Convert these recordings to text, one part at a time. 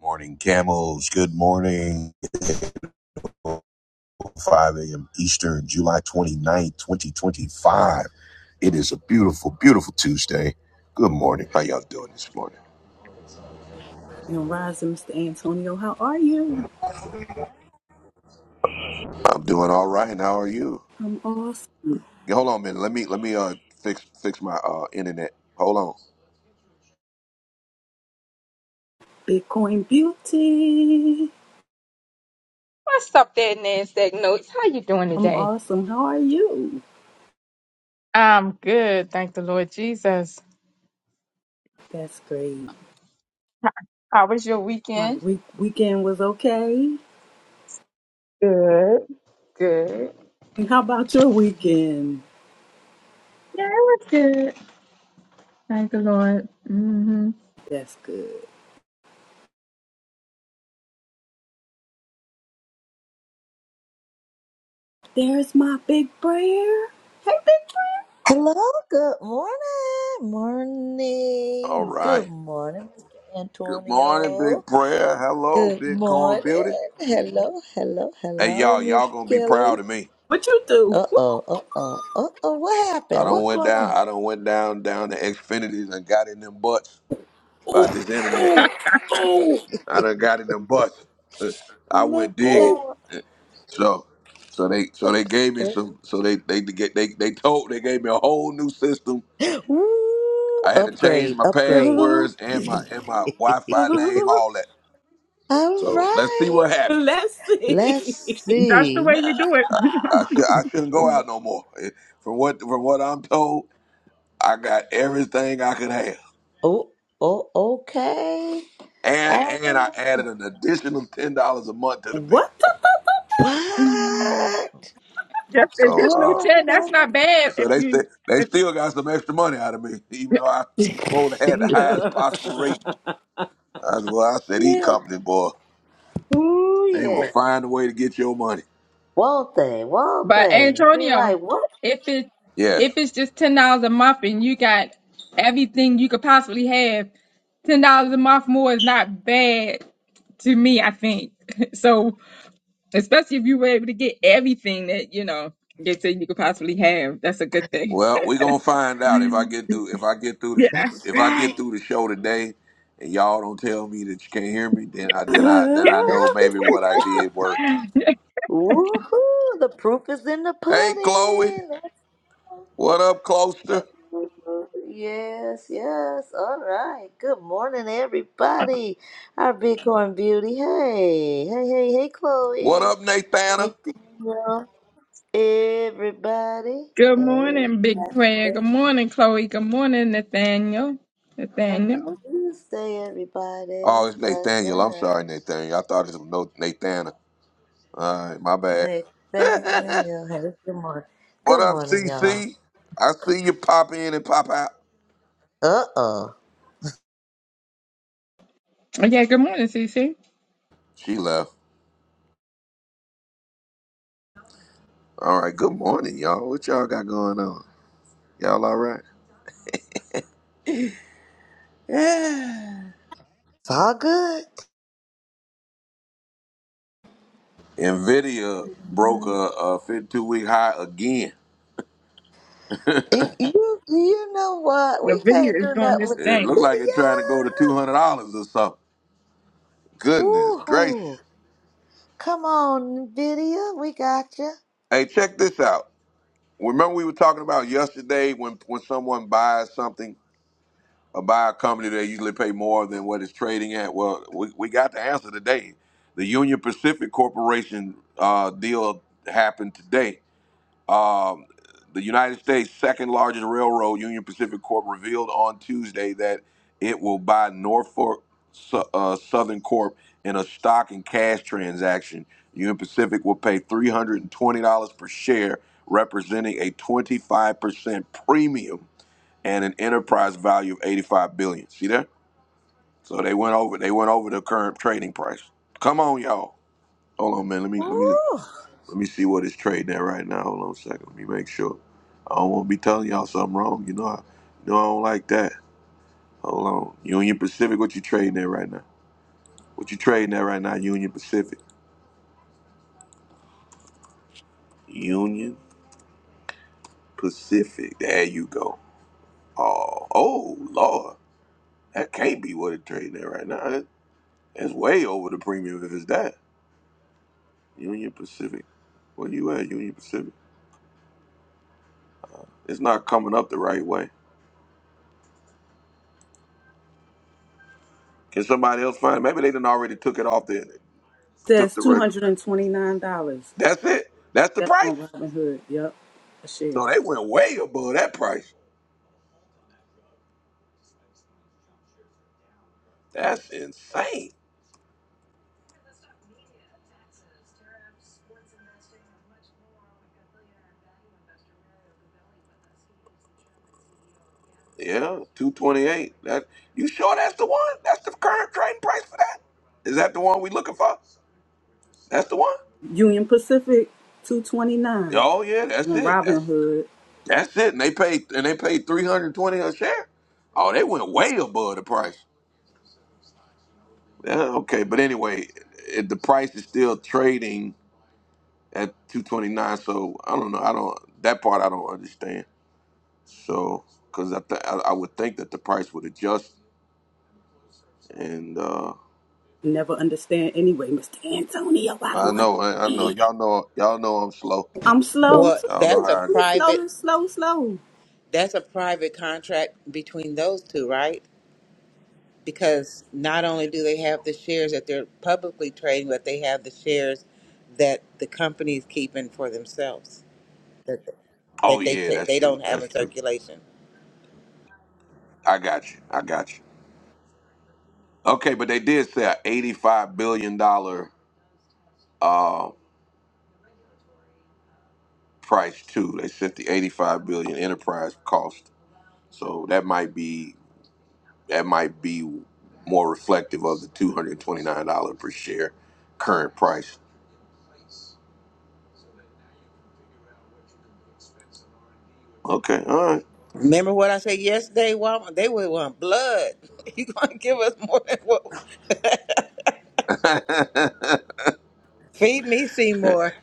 Morning, camels. Good morning. 5 a.m. Eastern, July 29th, 2025. It is a beautiful, beautiful Tuesday. Good morning. How y'all doing this morning? And rising, Mr. Antonio, how are you? I'm doing all right. And How are you? I'm awesome. Yeah, Hold on a minute. Let me let me uh fix fix my uh internet. Hold on. Bitcoin Beauty. What's up there, NASDAQ Notes? How you doing I'm today? awesome. How are you? I'm good, thank the Lord Jesus. That's great. How was your My weekend? week weekend was okay. Good, good. And how about your weekend? Yeah, it was good. Thank the Lord. hmm That's good. There's my big prayer. Hey, big prayer. Hello, good morning. All Morning. Good right. morning, Mr. Good morning, Antonio. Big Prayer. Hello, Good Bitcoin morning. Beauty. Hello, hello, Hey hello, y'all, Miss y'all gonna be Kelly. proud of me. What you do? Uh oh, uh oh, uh oh. What I happened? don't What went going down. on? I don't went down down to Xfinitys and got in them butts by Oh, this internet. oh, oh, I done got in the bus. I Look went digging. out. So so they so they gave me some so they they get they they told they gave me a whole new system. Ooh, I had to change upgrade, my upgrade. oh. passwords and my and my Wi-Fi name, all Uh, that. All So let's see right. what uh, happens. let's see. Let's That's the way see. you do it. I should I shouldn't go out no more. Eh, From what from what I'm told, I got everything I could have. Oh, oh, okay. And and I Oh, added an additional ten dollars a month to the bill. What? what? Just So additional uh, ten. That's Oh, not bad. So If they you, st- they if, still got some extra money out of me, even though I supposed to had the highest possible rate. the- I said, well, I said, these yeah. company boy, Ooh, they will yeah. find a way to get your money. Won't they? Won't but they? Be Antonio, like, what? if it Yes. if it's just ten dollars a month and you got everything you could possibly have, ten dollars a month more is not bad to me. I think so. especially if you were able to get everything that you know they said you could possibly have. That's a good thing. Well, we gonna find out if I get through if I get through the Yeah. That's if I get right. through the show today, and y'all don't tell me that you can't hear me, then I then I then I know Uh, maybe what I did worked. Woohoo! The proof is in the Hey, Chloe, pudding. That's- what up, Closter? Yes, yes. All right. Good morning, everybody. Our Bitcoin beauty. Hey, hey, hey, hey, What Chloe, up, Nathana? Nathaniel, everybody. Good Hey. morning, Big Prayer. Good morning, Chloe. Good morning, Nathaniel. Happy Nathaniel. Tuesday, Oh, everybody. it's Bless Nathaniel. I'm us. sorry, Nathaniel. I thought it was no Nathana. All right, my bad. Nathaniel, hey, good morning. what Good up, morning, y'all. CC? I see you pop in and pop out. Uh-uh. Oh, yeah. Good morning, Cece. She left. All right, good morning, y'all. What y'all got going on? Y'all all right? Yeah. It's all good. Nvidia broke a, a 52 week high again. And you, you know what? The We video can't is do doing nothing this with the It thing. looked like it video. trying to go to $200 or something. Goodness Woo-hoo. gracious. Come on, video. We got you. Hey, check this out. Remember we were talking about yesterday when when someone buys something or buy a company that usually pay more than what it's trading at? Well, we, we got the answer today. The Union Pacific Corporation uh, deal happened today. Um, the United States' second largest railroad, Union Pacific Corp, revealed on Tuesday that it will buy Norfolk Su- uh, Southern Corp in a stock and cash transaction. Union Pacific will pay $320 per share, representing a 25% premium and an enterprise value of 85 billion. dollars. See that? So they went over they went over the current trading price. Come on, y'all. Hold on, man. Let me let me Woo. let me see what it's trading at right now. Hold on a second. Let me make sure. I don't want to be telling y'all something wrong. You know I you know I don't like that. Hold on. Union Pacific, what you trading at right now? What you trading at right now, Union Pacific? Union Pacific. There you go. Oh, oh Lord. That can't be what it's trading at right now. That- That's way over the premium if it's that. Union Pacific. Where you at, Union Pacific? It's not coming up the right way. Can somebody else find it? Maybe they done already took it off the took says the two reg- hundred and twenty nine dollars. That's it. That's the That's price. on Robinhood. Yep, a share. So they went way above that price. That's insane. Yeah, two twenty eight. That you sure that's the one? That's the current trading price for that? Is that the one we looking for? That's the one. Union Pacific two twenty nine Oh yeah, that's on it. That's Robinhood. that's it. And they paid and they paid three hundred twenty a share. Oh, they went way above the price. Uh, okay, but anyway, it, the price is still trading at 229. So I don't know. I don't that part I don't understand. So because I, th- I I would think that the price would adjust. And uh, Never understand anyway, Mr. Antonio. I I don't. un- know I, I know y'all know y'all know I'm slow. I'm slow. Well, too. Y'all know that's a how. I, I'm private slow, slow, slow. that's a private contract between those two, right? Because not only do they have the shares that they're publicly trading, but they have the shares that the company's keeping for themselves that oh that they yeah, ta- that's they true. don't have That's in true. circulation. I got you. I got you. Okay, but they did say a 85 billion dollar uh price too. They said the 85 billion enterprise cost. So that might be that might be more reflective of the two hundred twenty nine dollar per share current price. Okay, all right. Remember what I said yesterday? Walmart, they would want blood. You gonna give us more than what? Feed me, Seymour.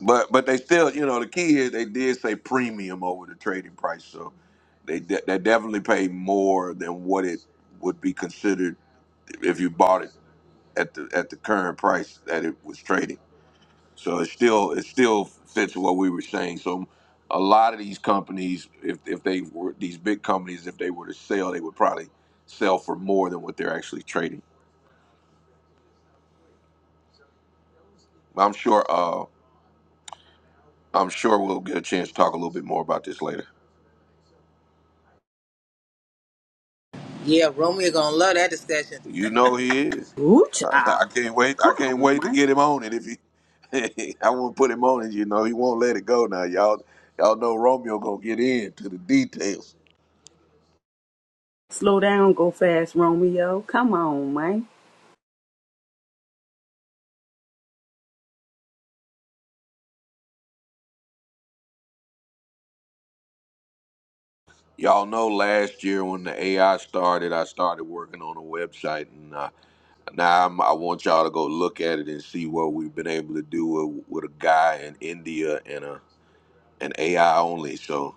but but they still, you know, the key is they did say premium over the trading price, so they de- they definitely paid more than what it would be considered if you bought it at the at the current price that it was trading. So it still it still fits what we were saying. So a lot of these companies, if if they were these big companies, if they were to sell, they would probably sell for more than what they're actually trading. I'm sure. Uh, I'm sure we'll get a chance to talk a little bit more about this later. Yeah, Romeo gonna love that discussion. You know he is. Ooh, I child. can't wait. I Come can't on, wait to man. get him on it. If he, I want to put him on it. You know he won't let it go. Now y'all, y'all know Romeo gonna get in to the details. Slow down, go fast, Romeo. Come on, man. Y'all know last year when the AI started, I started working on a website, and uh, now I'm, I want y'all to go look at it and see what we've been able to do with, with a guy in India and a and AI only. So,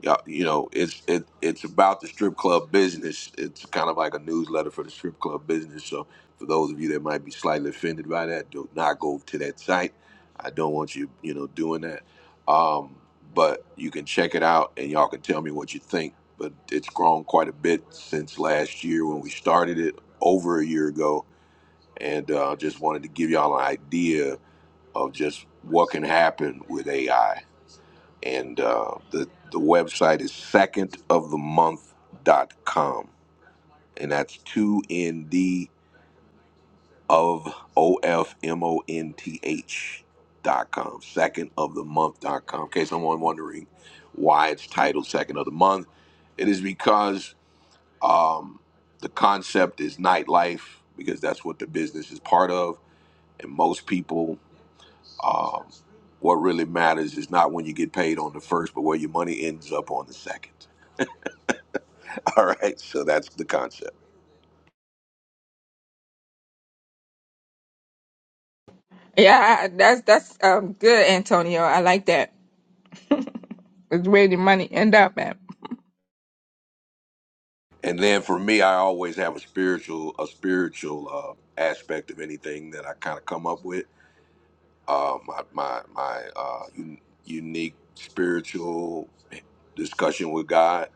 yeah, you know, it's it it's about the strip club business. It's kind of like a newsletter for the strip club business. So, for those of you that might be slightly offended by that, do not go to that site. I don't want you, you know, doing that. Um, but you can check it out, and y'all can tell me what you think. But it's grown quite a bit since last year when we started it over a year ago, and uh, just wanted to give y'all an idea of just what can happen with AI and uh, the the website is secondofthemonth.com and that's two N D of o f m o n t h dot com Second of the month dot com. in case someone wondering why it's titled second of the month it is because um, the concept is nightlife because that's what the business is part of and most people um, what really matters is not when you get paid on the first but where your money ends up on the second All right, so that's the concept. Yeah, I- that's that's um good, Antonio. I like that. It's where the money end up at. And then for me, I always have a spiritual a spiritual uh, aspect of anything that I kind of come up with. Uh, my my my uh, un- unique spiritual discussion with God,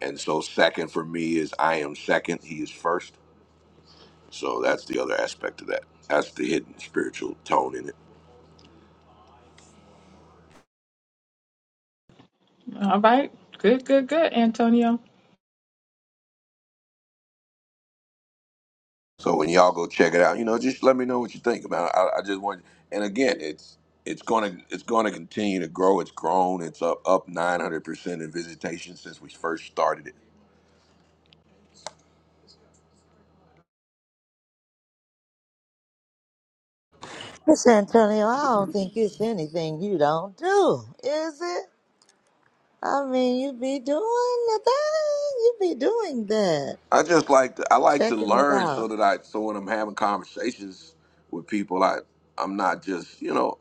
and so second for me is I am second, He is first. So that's the other aspect of that. That's the hidden spiritual tone in it. All right. Good, good, good, Antonio. So when y'all go check it out, you know, just let me know what you think about it. I, I just want, and again, it's it's gonna it's gonna continue to grow. It's grown. It's up up nine hundred percent in visitation since we first started it. Miss Antonio, I don't think it's anything you don't do, is it? I mean, you be doing the thing. You be doing that. I just like to, I like to Checking it learn so out. that I so when I'm having conversations with people, I I'm not just you know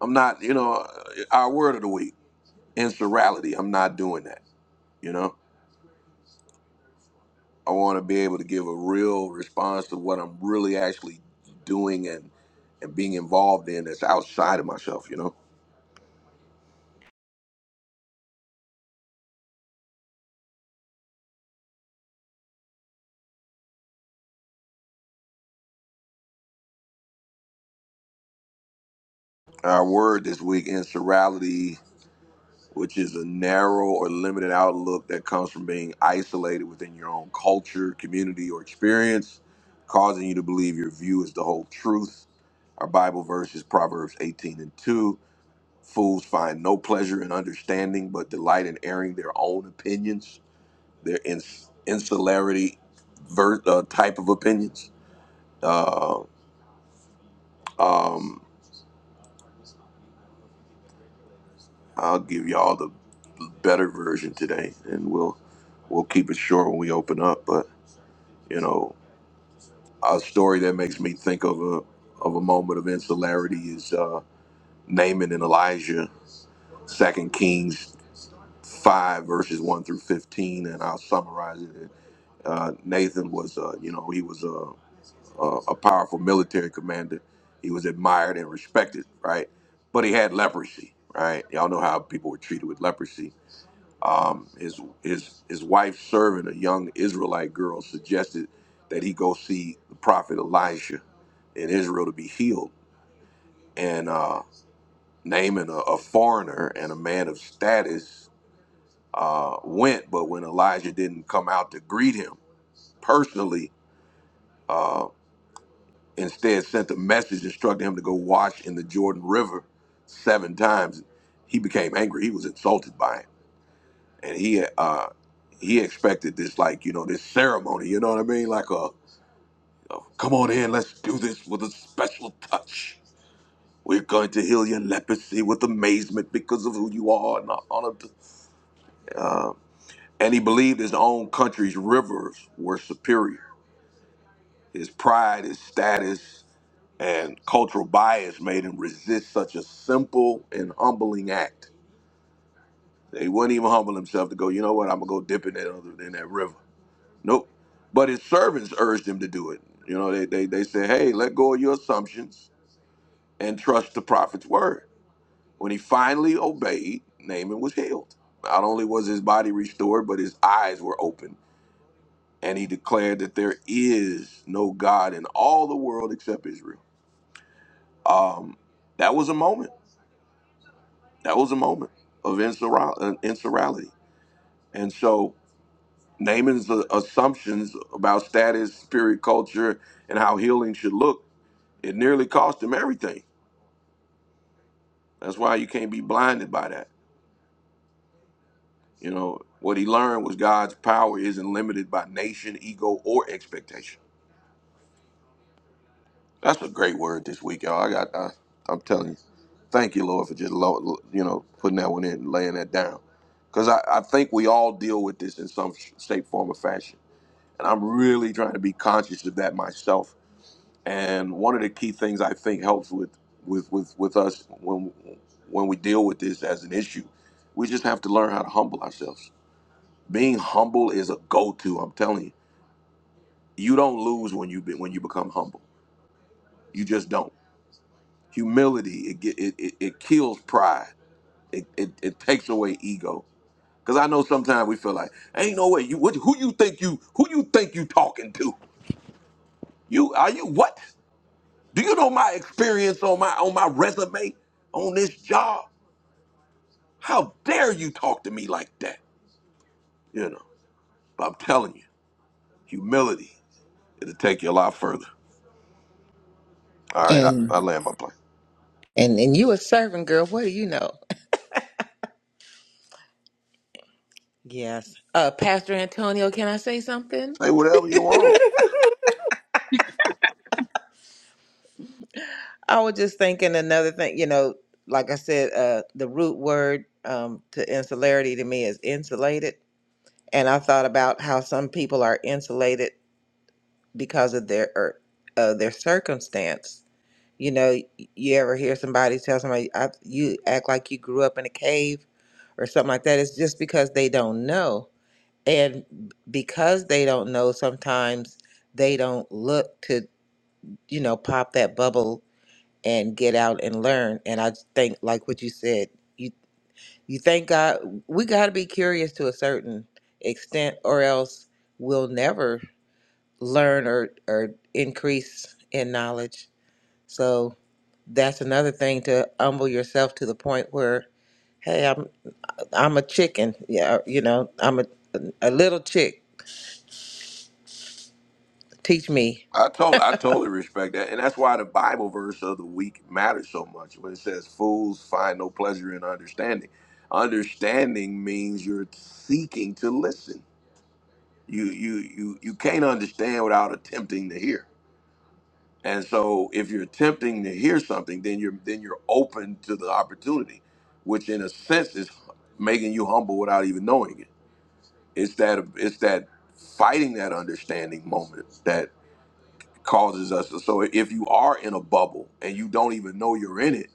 I'm not you know uh, our word of the week insurality. I'm not doing that. You know. I want to be able to give a real response to what I'm really actually doing and and being involved in that's outside of myself, you know. Our word this week, insurality, which is a narrow or limited outlook that comes from being isolated within your own culture, community, or experience, causing you to believe your view is the whole truth. Our Bible verse is Proverbs 18 and 2. Fools find no pleasure in understanding, but delight in airing their own opinions. their ins- insularity ver- uh, type of opinions. Uh, um, I'll give y'all the better version today, and we'll we'll keep it short when we open up. But you know, a story that makes me think of a of a moment of insularity is uh, Naaman and Elijah, Second Kings five verses one through fifteen, and I'll summarize it. Uh, Nathan was, uh, you know, he was. uh, uh, a powerful military commander. He was admired and respected, right? But he had leprosy, right? Y'all know how people were treated with leprosy. Um, his his his wife serving a young Israelite girl suggested that he go see the prophet Elijah in Israel to be healed. And uh, Naaman, a, a foreigner and a man of status, uh, went. But when Elijah didn't come out to greet him personally, uh, Instead, sent a message instructing him to go wash in the Jordan River seven times. He became angry. He was insulted by it, and he uh, he expected this like you know this ceremony. You know what I mean? Like a, a come on in, let's do this with a special touch. We're going to heal your leprosy with amazement because of who you are. And, all of the, uh, and he believed his own country's rivers were superior. His pride, his status, and cultural bias made him resist such a simple and humbling act. He wouldn't even humble himself to go, you know what, I'm gonna go dip in that other in that river. Nope. But his servants urged him to do it. You know, they they, they said, Hey, let go of your assumptions and trust the prophet's word. When he finally obeyed, Naaman was healed. Not only was his body restored, but his eyes were opened. And he declared that there is no God in all the world except Israel. Um, that was a moment That was a moment of insurali- insurality. And so Naaman's uh, assumptions about status, spirit, culture, and how healing should look, it nearly cost him everything. That's why you can't be blinded by that. You know, what he learned was God's power isn't limited by nation, ego, or expectation. That's a great word this week, y'all. I got, I, I'm telling you. Thank you, Lord, for just, lo- you know, putting that one in and laying that down. Because I, I think we all deal with this in some shape, form, or fashion And I'm really trying to be conscious of that myself. And one of the key things I think helps with with with, with us when when we deal with this as an issue, we just have to learn how to humble ourselves. Being humble is a go-to. I'm telling you, you don't lose when you be, when you become humble. You just don't. Humility it get- it, it, it kills pride. It, it it takes away ego. Cause I know sometimes we feel like ain't no way you what, who you think you who you think you talking to you are you what Do you know my experience on my on my resume on this job? How dare you talk to me like that? You know, but I'm telling you, humility it'll take you a lot further. All right, I, And I land my plane. and and you a servant girl. What do you know? Yes. Uh, Pastor Antonio, can I say something? Say whatever you want. I was just thinking another thing, you know, like I said, uh, the root word um, to insularity to me is insulated. And I thought about how some people are insulated because of their or, uh, their circumstance. You know, you ever hear somebody tell somebody, I, you act like you grew up in a cave or something like that. It's just because they don't know. And because they don't know, sometimes they don't look to you know, pop that bubble and get out and learn. And I think, like what you said, you you thank God. We got to be curious to a certain extent, or else we'll never learn or or increase in knowledge. So that's another thing to humble yourself to the point where, hey, I'm I'm a chicken. Yeah, you know, I'm a a little chick. Teach me I told I totally respect that, and that's why the Bible verse of the week matters so much. When it says, "Fools find no pleasure in understanding," understanding means you're seeking to listen. You you you you can't understand without attempting to hear. And so if you're attempting to hear something, then you're then you're open to the opportunity, which in a sense is making you humble without even knowing it. It's that it's that fighting that understanding moment that causes us to, so if you are in a bubble and you don't even know you're in it,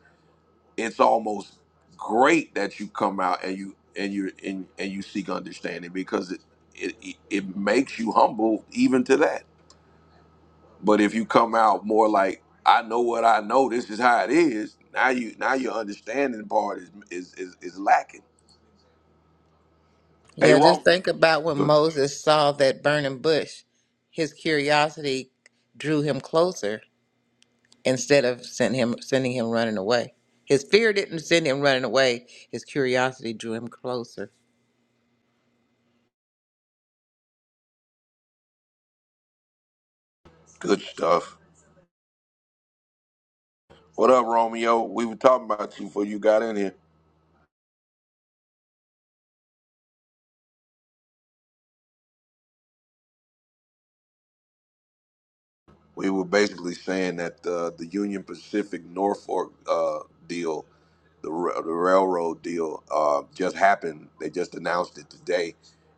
it's almost great that you come out and you and you and, and you seek understanding because it, it it it makes you humble even to that But if you come out more like I know what I know, this is how it is. Now you now your understanding part is is is, is lacking. Hey, Yeah, just Rom, think about when good Moses saw that burning bush. His curiosity drew him closer instead of send him sending him running away. His fear didn't send him running away. His curiosity drew him closer. good stuff. What up, Romeo? We were talking about you before you got in here. We were basically saying that uh, the Union Pacific Norfolk uh, deal, the ra- the railroad deal, uh, just happened. They just announced it today,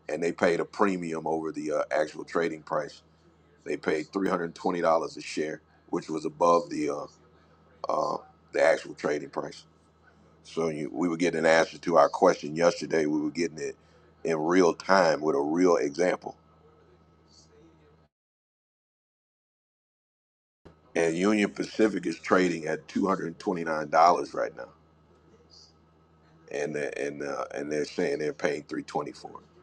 and they paid a premium over the uh, actual trading price. They paid three hundred twenty dollars a share, which was above the uh, uh, the actual trading price. So you, we were getting an answer to our question yesterday. We were getting it in real time with a real example. And Union Pacific is trading at two hundred and twenty nine dollars right now, and they're- and uh, and they're saying they're paying three twenty for it.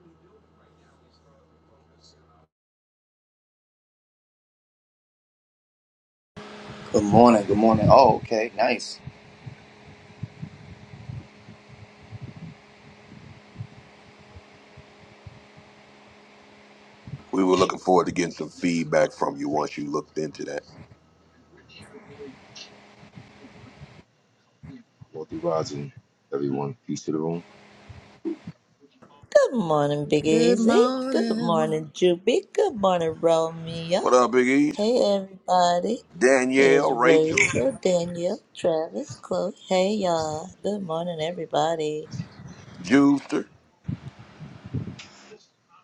Good morning. Good morning. Oh, okay. Nice. We were looking forward to getting some feedback from you once you looked into that. Wealthy Rising, everyone. Peace to the room. Good morning, Big Good Easy. Good morning, morning. Juby. Good morning, Romeo. What up, Big East? Hey, everybody. Danielle, There's Rachel, Rachel, Daniel, Travis, Chloe. Hey, y'all. Good morning, everybody. Juicer.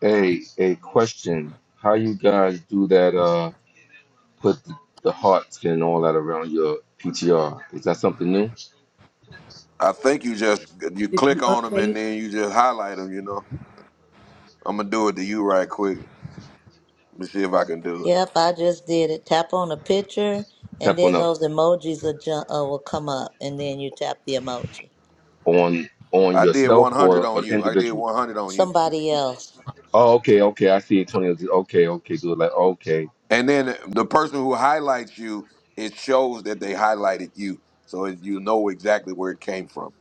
Hey, a question. How you guys do that, uh, put the, the hearts and all that around your PTR? Is that something new? I think you just you Did click you on them and update then you just highlight them. You know, I'm gonna do it to you right quick. Let me see if I can do it. Yep, I just did it. Tap on a picture, and Tap on, then a, those emojis will, jump, uh, will come up, and then you tap the emoji. on, on I did yourself 100 or on an you. I did individual? 100 on you. Somebody else. Oh, okay, okay. I see Antonio. Okay, okay, good. Like, okay. And then the person who highlights you, it shows that they highlighted you, so it, you know exactly where it came from.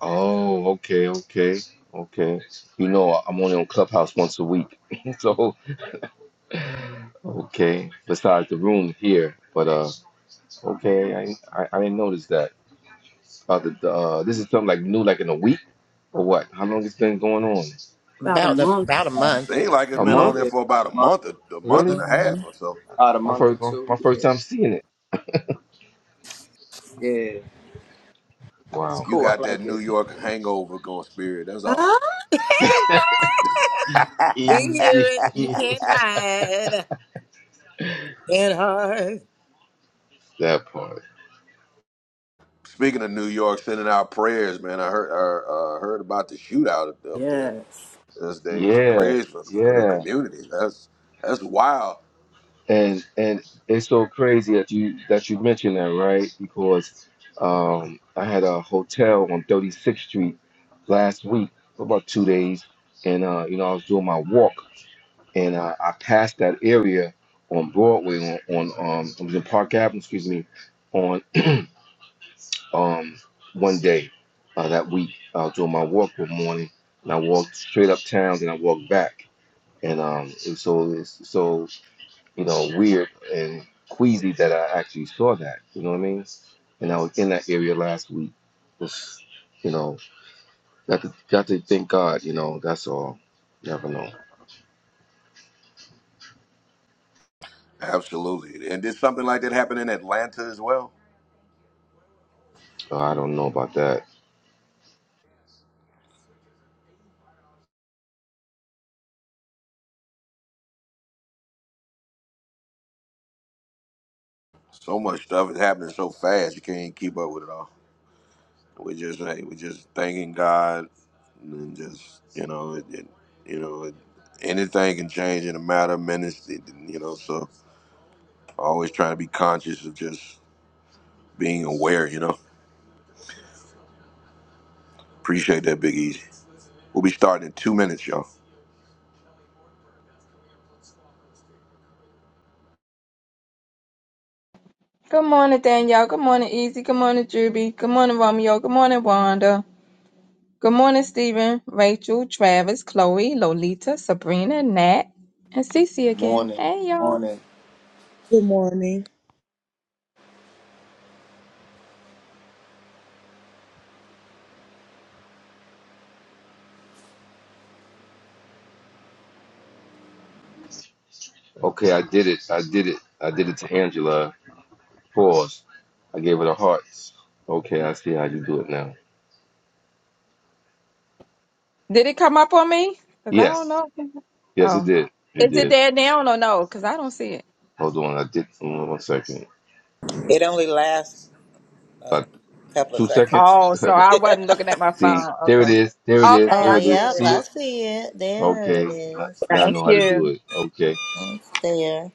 Oh, okay, okay, okay. You know, I'm only on Clubhouse once a week. so, okay. Besides the room here. But, uh, okay, I, I, I didn't notice that. About the, uh, this is something like new, like in a week or what? How long it's been going on? about a About a, month? about a Seems month. like it's A been hmm on month? there Yeah, for about a about a month, month, a, a month and Really? a hmm half or so. about a My month or first, one- two. my first Yeah, time seeing it. yeah. It's Wow, You cool. I got that like New it. York hangover going spirit. That's all. We hear Easy. it. You can't hide. Can't hide. that part. Speaking of New York, sending out prayers, man. I heard uh, uh, heard about the shootout up up there Yes. those days. Yeah, Prayers for, for the yeah. community. That's that's wild. And and it's so crazy that you that you mentioned that, right? Because um, I had a hotel on 36th Street last week for about two days, and uh, you know I was doing my walk. and I, I passed that area on Broadway on, on um I was in Park Avenue, excuse me, on um one day uh, that week. I was doing my walk one morning and I walked straight uptown and I walked back. And um it was so it's so, you know, weird and queasy that I actually saw that. You know what I mean? And I was in that area last week. Just, you know, got to got to thank God, you know, that's all. Never know. Absolutely. And did something like that happen in Atlanta as well? So I don't know about that. So much stuff is happening so fast, you can't keep up with it all. We just hey, we just thanking God, and just you know, it, it, you know, it, anything can change in a matter of minutes. It, you know, so always trying to be conscious of just being aware. You know, appreciate that, Big Easy. We'll be starting in two minutes, y'all. Good morning, Danielle. Good morning, Easy. Good morning, Juby. Good morning, Romeo. Good morning, Wanda. Good morning, Stephen, Rachel, Travis, Chloe, Lolita, Sabrina, Nat, and Cece again. Morning. Hey, y'all. Morning. Good morning. Okay, I did it. I did it. I did it to Angela. Pause. I gave her the hearts. Okay, I see how you do it now. Did it come up on me? Because I don't Yes. know. Yes, it Oh. did. It Is it did. there now or no? Because I don't see it. Hold on. I did. mm, One second. It only lasts a About couple of two seconds. seconds. Oh, so I wasn't looking at my see, phone. there it Okay. is. There it is. Okay, Oh, There I it see is. You yep, it. see I it? see it. There Okay. it Now is. now I Thank know how to do you. it. Okay. It's there.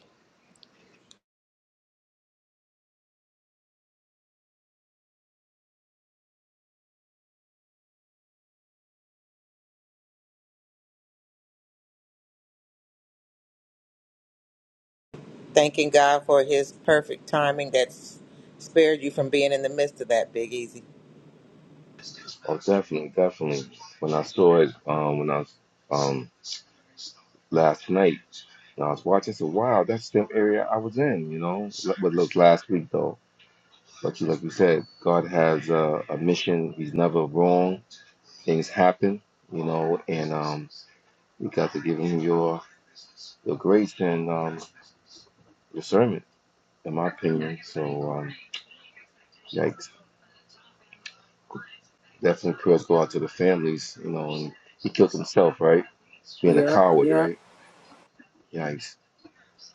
Thanking God for his perfect timing that's spared you from being in the midst of that big easy. Oh, definitely. Definitely. When I saw it, um, when I was, um, last night, when I was watching, I said, wow, that's the area I was in, you know? But look, last week, though. But you, like you said, God has a, a mission. He's never wrong. Things happen, you know, and um, you got to give him your your grace and um, discernment, in my opinion. So, um, yikes. Definitely prayers go out to the families, you know. And he killed himself, right? Being a Yep. coward, Yep. right? Yikes.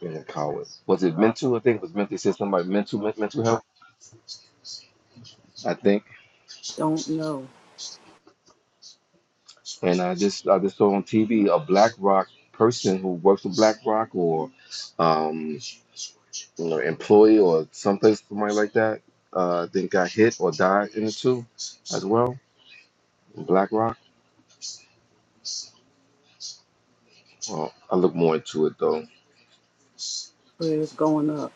Being a coward. Was it mental? I think it was mental. It said something like mental, men- mental health, I think. Don't know. And I just, I just saw on TV a Black Rock person who works for Black Rock or um, you know, employee or someplace somebody like that. Uh, I think got hit or died in the two as well. BlackRock. Well, I look more into it though. Prayers going up.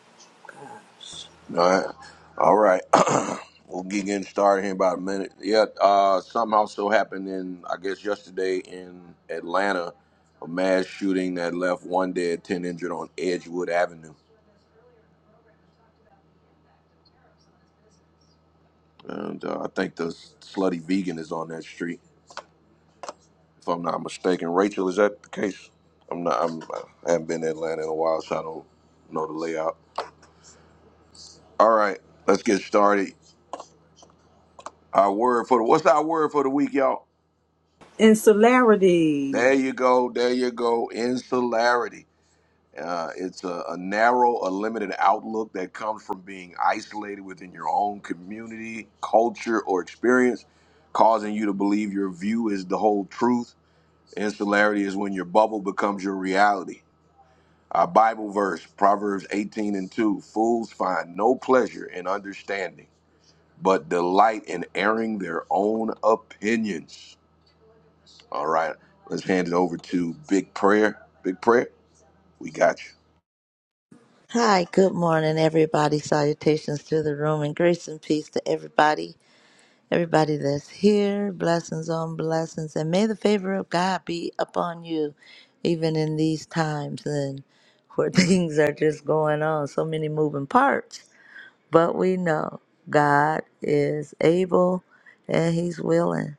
Gosh. All right. All right. we'll get getting started here in about a minute. Yeah, uh, something also happened in, I guess, yesterday in Atlanta, a mass shooting that left one dead, 10 injured on Edgewood Avenue. And uh, I think the slutty vegan is on that street, if I'm not mistaken. Rachel, is that the case? I'm not, I'm, I haven't been to Atlanta in a while, so I don't know the layout. All right, let's get started. Our word for the, what's our word for the week, y'all? and There you go. There you go. Insularity. Uh, it's a, a narrow, a limited outlook that comes from being isolated within your own community, culture, or experience, causing you to believe your view is the whole truth. Insularity is when your bubble becomes your reality. Our Bible verse, Proverbs 18 and 2 Fools find no pleasure in understanding, but delight in airing their own opinions. All right, let's hand it over to Big Prayer. Big Prayer, we got you. Hi, good morning, everybody. Salutations to the room and grace and peace to everybody. Everybody that's here, blessings on blessings, and may the favor of God be upon you, even in these times and where things are just going on, so many moving parts. But we know God is able and He's willing.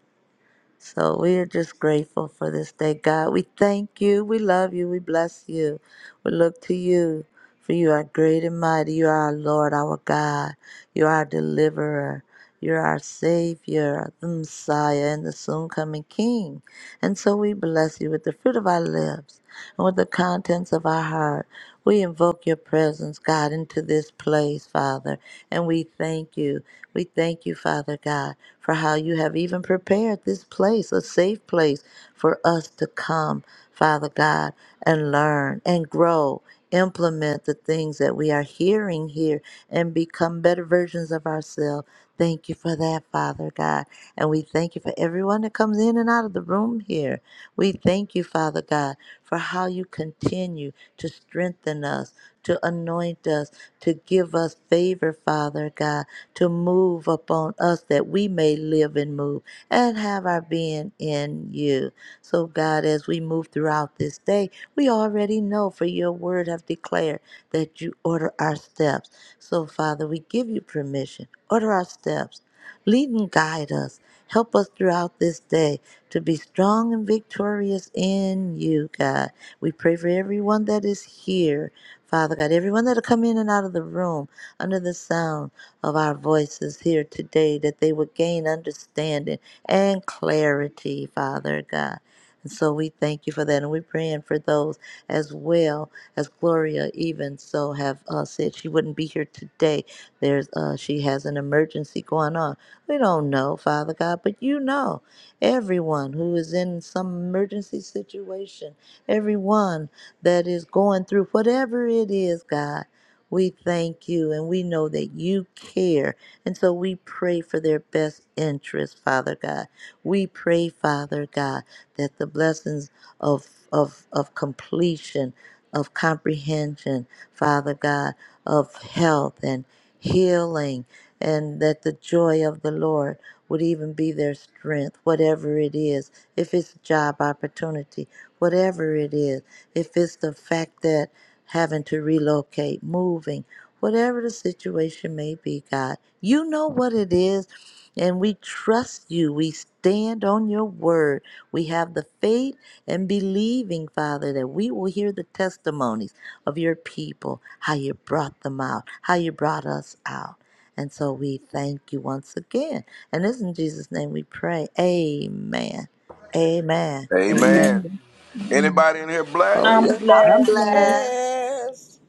So we are just grateful for this day, God. We thank you. We love you. We bless you. We look to you, for you are great and mighty. You are our Lord, our God. You are our deliverer. You're our Savior, the Messiah, and the soon coming King. And so we bless you with the fruit of our lips and with the contents of our heart. We invoke your presence, God, into this place, Father, and we thank you. We thank you, Father God, for how you have even prepared this place, a safe place for us to come, Father God, and learn and grow. Implement the things that we are hearing here and become better versions of ourselves. Thank you for that, Father God. And we thank you for everyone that comes in and out of the room here. We thank you, Father God, for how you continue to strengthen us, to anoint us, to give us favor, Father God, to move upon us that we may live and move and have our being in you. So, God, as we move throughout this day, we already know, for your word have declared that you order our steps. So, Father, we give you permission. Order our steps. Lead and guide us. Help us throughout this day to be strong and victorious in you, God. We pray for everyone that is here, Father God, everyone that'll come in and out of the room under the sound of our voices here today, that they would gain understanding and clarity, Father God. And so we thank you for that. And we're praying for those as well as Gloria, even so, have uh, said she wouldn't be here today. There's uh, She has an emergency going on. We don't know, Father God, but you know everyone who is in some emergency situation, everyone that is going through whatever it is, God. We thank you and we know that you care. And so we pray for their best interest, Father God. We pray, Father God, that the blessings of, of, of completion, of comprehension, Father God, of health and healing and that the joy of the Lord would even be their strength, whatever it is. If it's job opportunity, whatever it is, if it's the fact that having to relocate, moving, whatever the situation may be, God, you know what it is. And we trust you. We stand on your word. We have the faith and believing, Father, that we will hear the testimonies of your people, how you brought them out, how you brought us out. And so we thank you once again. And it's in Jesus' name we pray. Amen. Amen. Amen. Amen. Amen. Amen. Anybody in here Oh, blessed? I'm yeah, I'm I'm blessed. glad. blessed. Yes.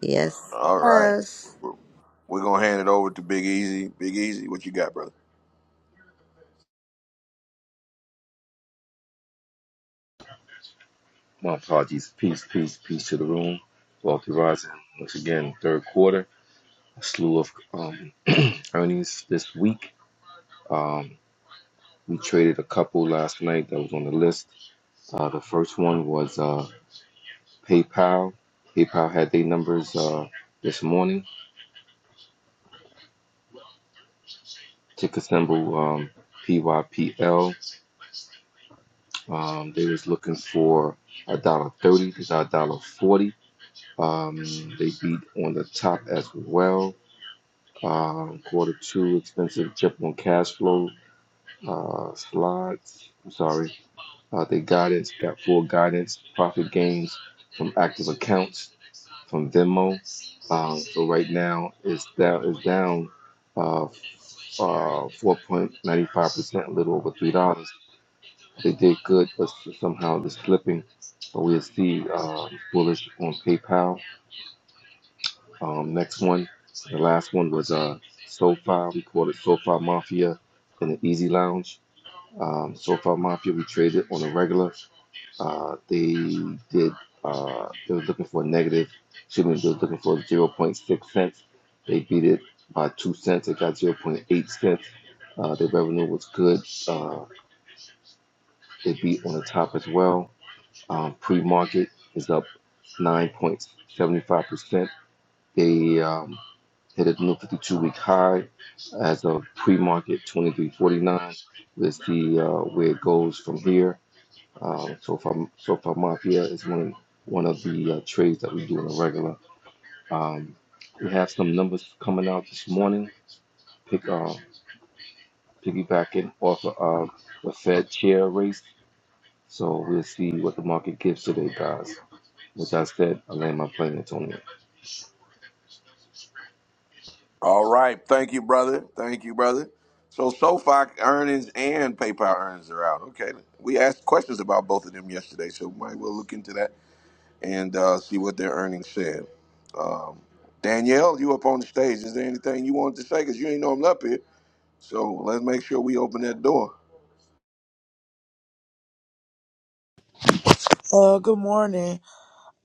Yes, All right. yes. We're going to hand it over to Big Easy. Big Easy, what you got, brother? My apologies. Peace, peace, peace to the room. Wealthy rising once again. Third quarter, a slew of um, earnings this week. Um, we traded a couple last night that was on the list. Uh, the first one was uh, PayPal. PayPal had their numbers uh, this morning. Ticker symbol um, PYPL. Um, they was looking for a dollar thirty This Is a dollar forty. Um, they beat on the top as well. Um, quarter two expensive chip on cash flow uh, slides. I'm sorry. Uh, they guidance got full guidance profit gains from active accounts from Venmo. Um, so right now it's down is down uh, uh, 4.95 percent, a little over three dollars. They did good, but somehow they're slipping. But we'll see uh, bullish on PayPal. Um, next one, the last one was uh, SoFi. We called it SoFi Mafia in the Easy Lounge. Um, SoFi Mafia, we traded on a regular. Uh, they did, uh, they were looking for a negative, excuse me, they were looking for zero point 0.6 cents. They beat it by 2 cents. It got zero point 0.8 cents. Uh, their revenue was good. Uh, they beat on the top as well Um, pre-market is up 9.75%. They um, hit a new 52-week high as of pre-market 23.49. Let's see uh, where it goes from here. Um, so far, so far, Mafia is one one of the uh, trades that we do on a regular. Um, we have some numbers coming out this morning. Pick uh, piggybacking off of uh, the Fed chair race. So we'll see what the market gives today, guys. With that said, I land my plane, Antonio. All right. Thank you, brother. Thank you, brother. So, SoFi earnings and PayPal earnings are out. Okay. We asked questions about both of them yesterday, so we might well look into that and uh, see what their earnings said. Danielle, you up on the stage. Is there anything you wanted to say? Because you ain't know I'm up here. So, let's make sure we open that door. Uh, good morning.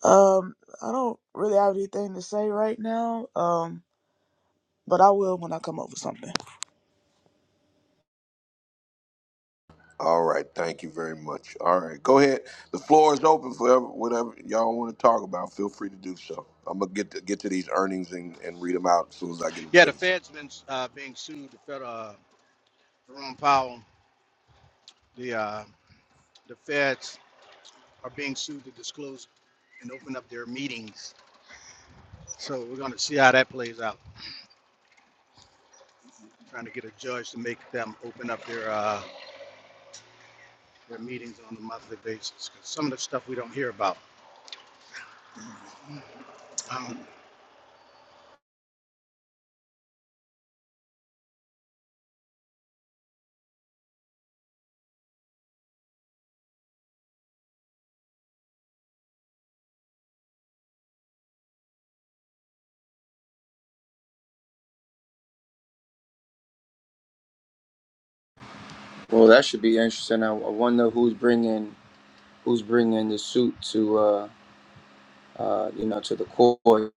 Um, I don't really have anything to say right now. Um, but I will when I come up with something. All right, thank you very much. All right, go ahead. The floor is open for ever- whatever y'all want to talk about. Feel free to do so. I'm gonna get to get to these earnings and, and read them out as soon as I get them Yeah, the finished. Fed's been uh, being sued. The Fed, uh, Jerome Powell, the uh, the Feds are being sued to disclose and open up their meetings. So we're going to see how that plays out. Trying to get a judge to make them open up their uh, their meetings on a monthly basis. 'Cause some of the stuff we don't hear about. Um, Well, that should be interesting. I, I wonder who's bringing who's bringing the suit to uh uh you know to the court.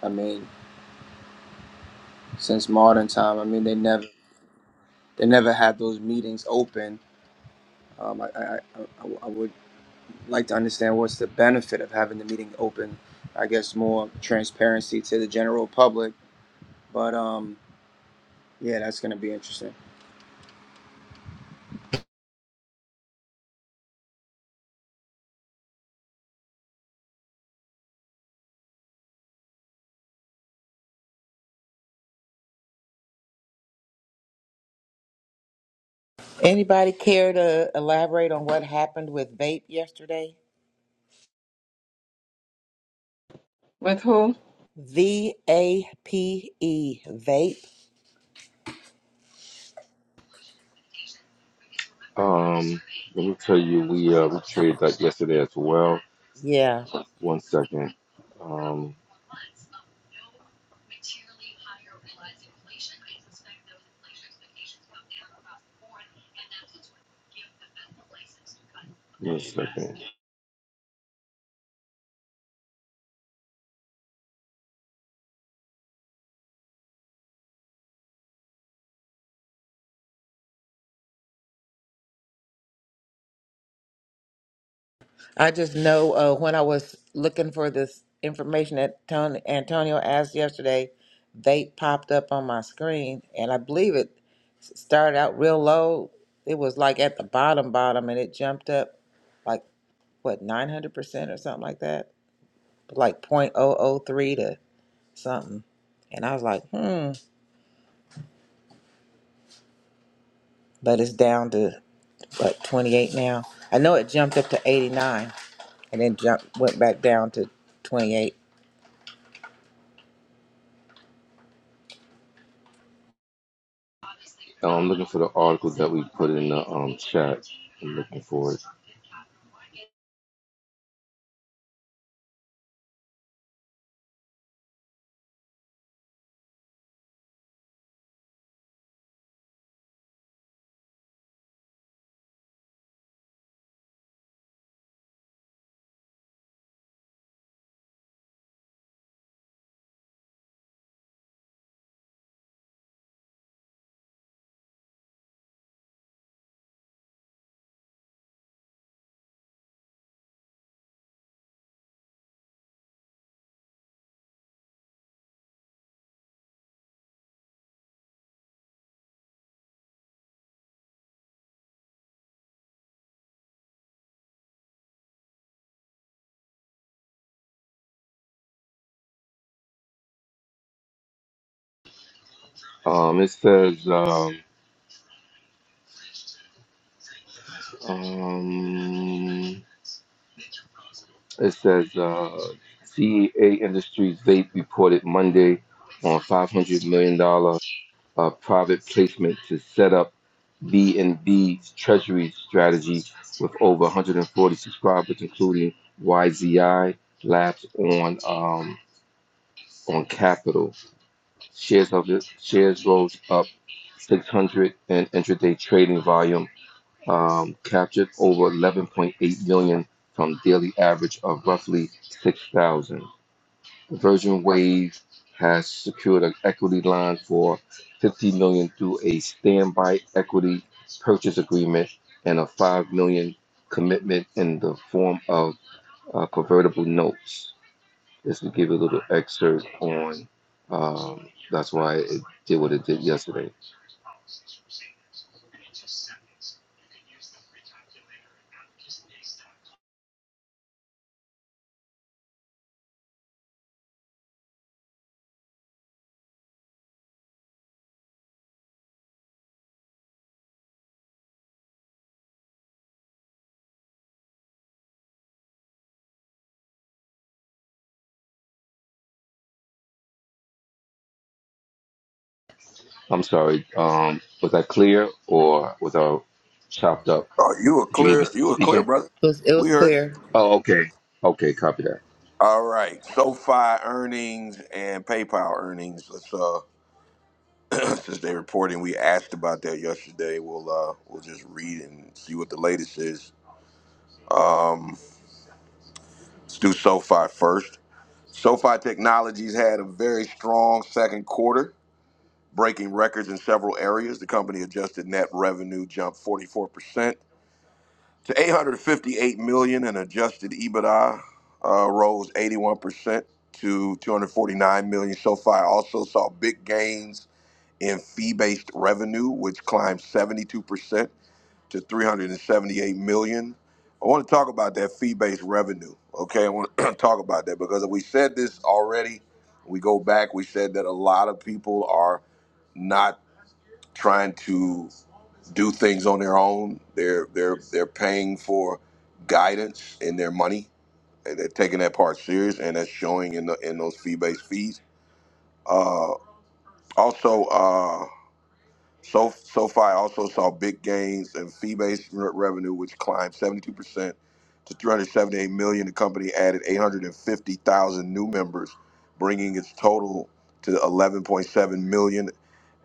I mean, since modern time, I mean they never they never had those meetings open. Um, I, I, I, I I would like to understand what's the benefit of having the meeting open. I guess more transparency to the general public, but um. Yeah, that's going to be interesting. Anybody care to elaborate on what happened with vape yesterday? With who? V A P E vape. Um, let me tell you, we uh, we traded that yesterday as well. Yeah. One second. Um, one second. I just know uh, when I was looking for this information that Tony, Antonio asked yesterday, vape popped up on my screen, and I believe it s- started out real low. It was like at the bottom, bottom, and it jumped up. like. what 900% or something like that like point oh oh three to something and i was like hmm but it's down to what 28 now i know it jumped up to 89 and then jumped went back down to 28 it Um, I'm looking for the article that we put in the um chat. I'm looking for it. Um, it says um, um it says uh, CEA Industries they reported Monday on 500 million dollar uh, private placement to set up B&B's treasury strategy with over 140 subscribers, including YZI Labs on um, on Capital. Shares of it, shares rose up 600 in intraday trading volume, um, captured over 11.8 million from daily average of roughly 6,000. Virgin Wave has secured an equity line for $50 million dollars through a standby equity purchase agreement and a $5 million dollars commitment in the form of uh, convertible notes. This will give you a little excerpt on. Um, that's why it did what it did yesterday. I'm sorry. Um, was that clear or was I chopped up? Oh, you were Did you hear me clear. You were clear, speaking? brother. was, it was We heard. clear Oh, okay. Okay, copy that. All right, SoFi earnings and PayPal earnings. Let's uh, since they reporting, we asked about that yesterday. We'll uh, we'll just read and see what the latest is. Let's do SoFi first. SoFi Technologies had a very strong second quarter breaking records in several areas. The company adjusted net revenue jumped 44% to 858 million and adjusted EBITDA uh, rose 81% to 249 million SoFi Also saw big gains in fee-based revenue which climbed 72% to 378 million. I want to talk about that fee-based revenue. Okay, I want to talk about that because we said this already. We go back, we said that a lot of people are not trying to do things on their own. They're they're they're paying for guidance in their money, and they're taking that part serious, and that's showing in the in those fee based fees. Uh, also, uh, so SoFi also saw big gains in fee-based re- revenue, which climbed 72% to 378 million. The company added 850,000 new members, bringing its total to 11.7 million,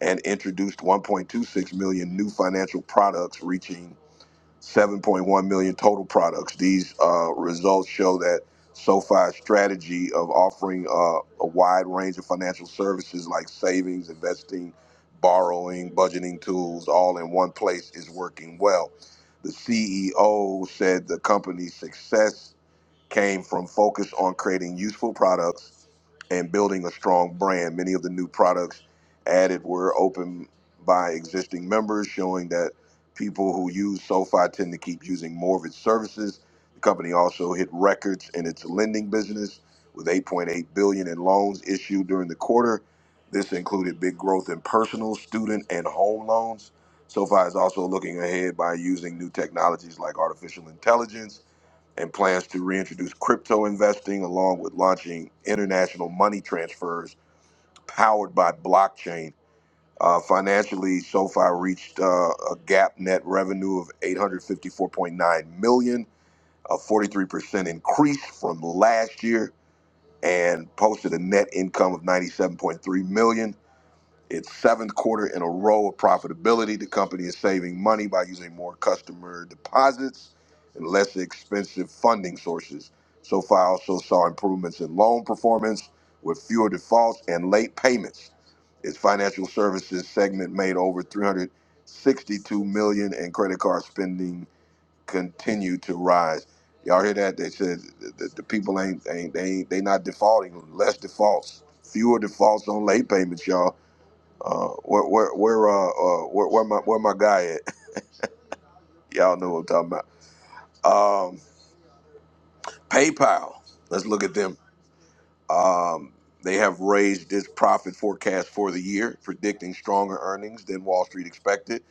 and introduced 1.26 million new financial products, reaching. 7.1 million total products. These uh, results show that SoFi's strategy of offering uh, a wide range of financial services like savings, investing, borrowing, budgeting tools, all in one place is working well. The CEO said the company's success came from focus on creating useful products and building a strong brand. Many of the new products added were opened by existing members, showing that people who use SoFi tend to keep using more of its services. The company also hit records in its lending business with 8.8 billion in loans issued during the quarter. This included big growth in personal, student, and home loans. SoFi is also looking ahead by using new technologies like artificial intelligence and plans to reintroduce crypto investing along with launching international money transfers powered by blockchain. Uh, financially, SoFi reached uh, a gap net revenue of 854.9 million, a 43% increase from last year, and posted a net income of 97.3 million it's seventh quarter in a row of profitability. The company is saving money by using more customer deposits and less expensive funding sources. So far, also saw improvements in loan performance with fewer defaults and late payments. Its financial services segment made over 362 million, and credit card spending continued to rise. Y'all hear that? They said the, the people ain't, ain't they ain't they not defaulting. Less defaults, fewer defaults on late payments, y'all uh, where where where uh, uh where, where my where my guy at? Y'all know what I'm talking about. Um, PayPal. Let's look at them. Um, they have raised its profit forecast for the year, predicting stronger earnings than Wall Street expected.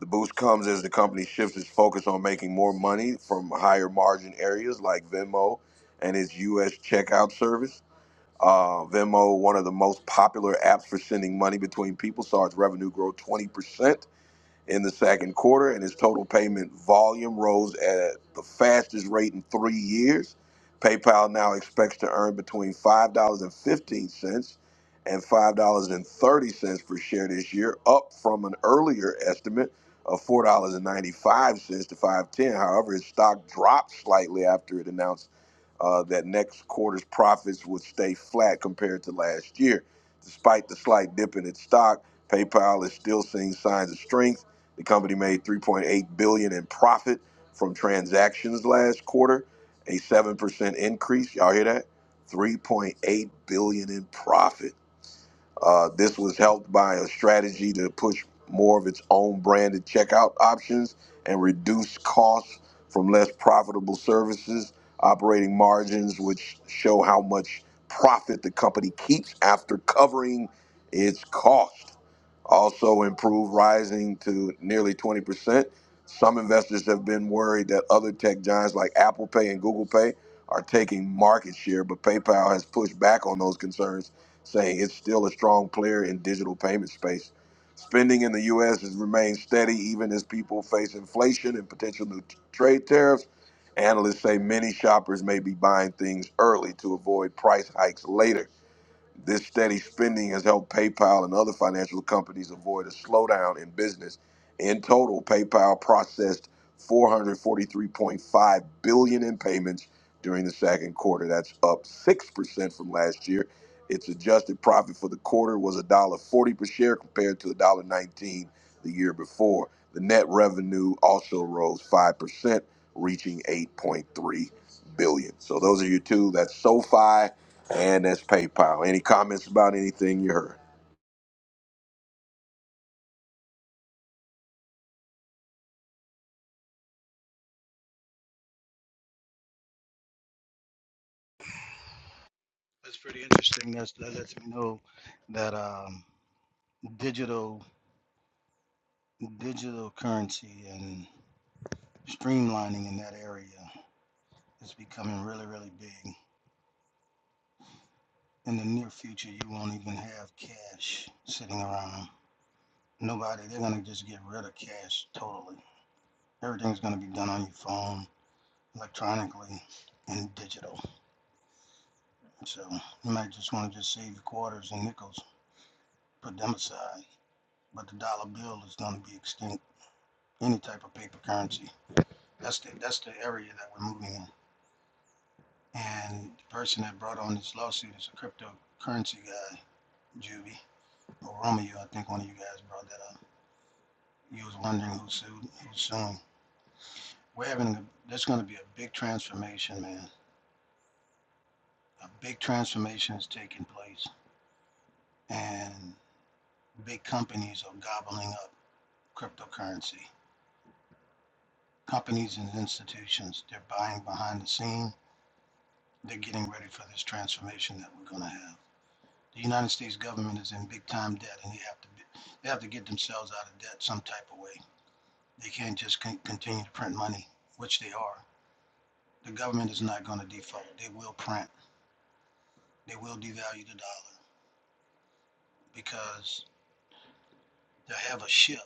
The boost comes as the company shifts its focus on making more money from higher margin areas like Venmo and its U.S. checkout service. Uh, Venmo, one of the most popular apps for sending money between people, saw its revenue grow 20% in the second quarter, and its total payment volume rose at the fastest rate in three years. PayPal now expects to earn between $5.15 and $5.30 per share this year, up from an earlier estimate of $4.95 to five ten. However, its stock dropped slightly after it announced uh, that next quarter's profits would stay flat compared to last year. Despite the slight dip in its stock, PayPal is still seeing signs of strength the company made 3.8 billion dollars in profit from transactions last quarter, a 7% increase. Y'all hear that? 3.8 billion dollars in profit. Uh, this was helped by a strategy to push more of its own branded checkout options and reduce costs from less profitable services, operating margins, which show how much profit the company keeps after covering its cost. Also improved, rising to nearly 20%. Some investors have been worried that other tech giants like Apple Pay and Google Pay are taking market share, but PayPal has pushed back on those concerns saying it's still a strong player in digital payment space. Spending in the U.S. has remained steady even as people face inflation and potential new t- trade tariffs. Analysts say many shoppers may be buying things early to avoid price hikes later. This steady spending has helped PayPal and other financial companies avoid a slowdown in business. In total, PayPal processed 443.5 billion in payments during the second quarter. That's up 6% from last year. Its adjusted profit for the quarter was a dollar forty per share compared to a dollar nineteen the year before. The net revenue also rose 5%, reaching eight point three billion. So those are your two. That's SoFi and that's PayPal. Any comments about anything you heard? that's pretty interesting. That's, that lets me know that um, digital digital currency and streamlining in that area is becoming really really big. in the near future, you won't even have cash sitting around. Nobody, they're going to just get rid of cash totally. Everything's going to be done on your phone, electronically, and digital. So you might just want to just save your quarters and nickels, put them aside. But the dollar bill is going to be extinct, any type of paper currency. That's the, that's the area that we're moving in. And the person that brought on this lawsuit is a cryptocurrency guy, Juvie, or Romeo, I think one of you guys brought that up You was wondering who sued, who's soon. We're having, a- there's gonna be a big transformation, man. A big transformation is taking place and big companies are gobbling up cryptocurrency. Companies and institutions, they're buying behind the scene. They're getting ready for this transformation that we're gonna have. The United States government is in big time debt and they have to, be- they have to get themselves out of debt some type of way. They can't just con- continue to print money, which they are. The government is not gonna default. They will print they will devalue the dollar because they'll have a shift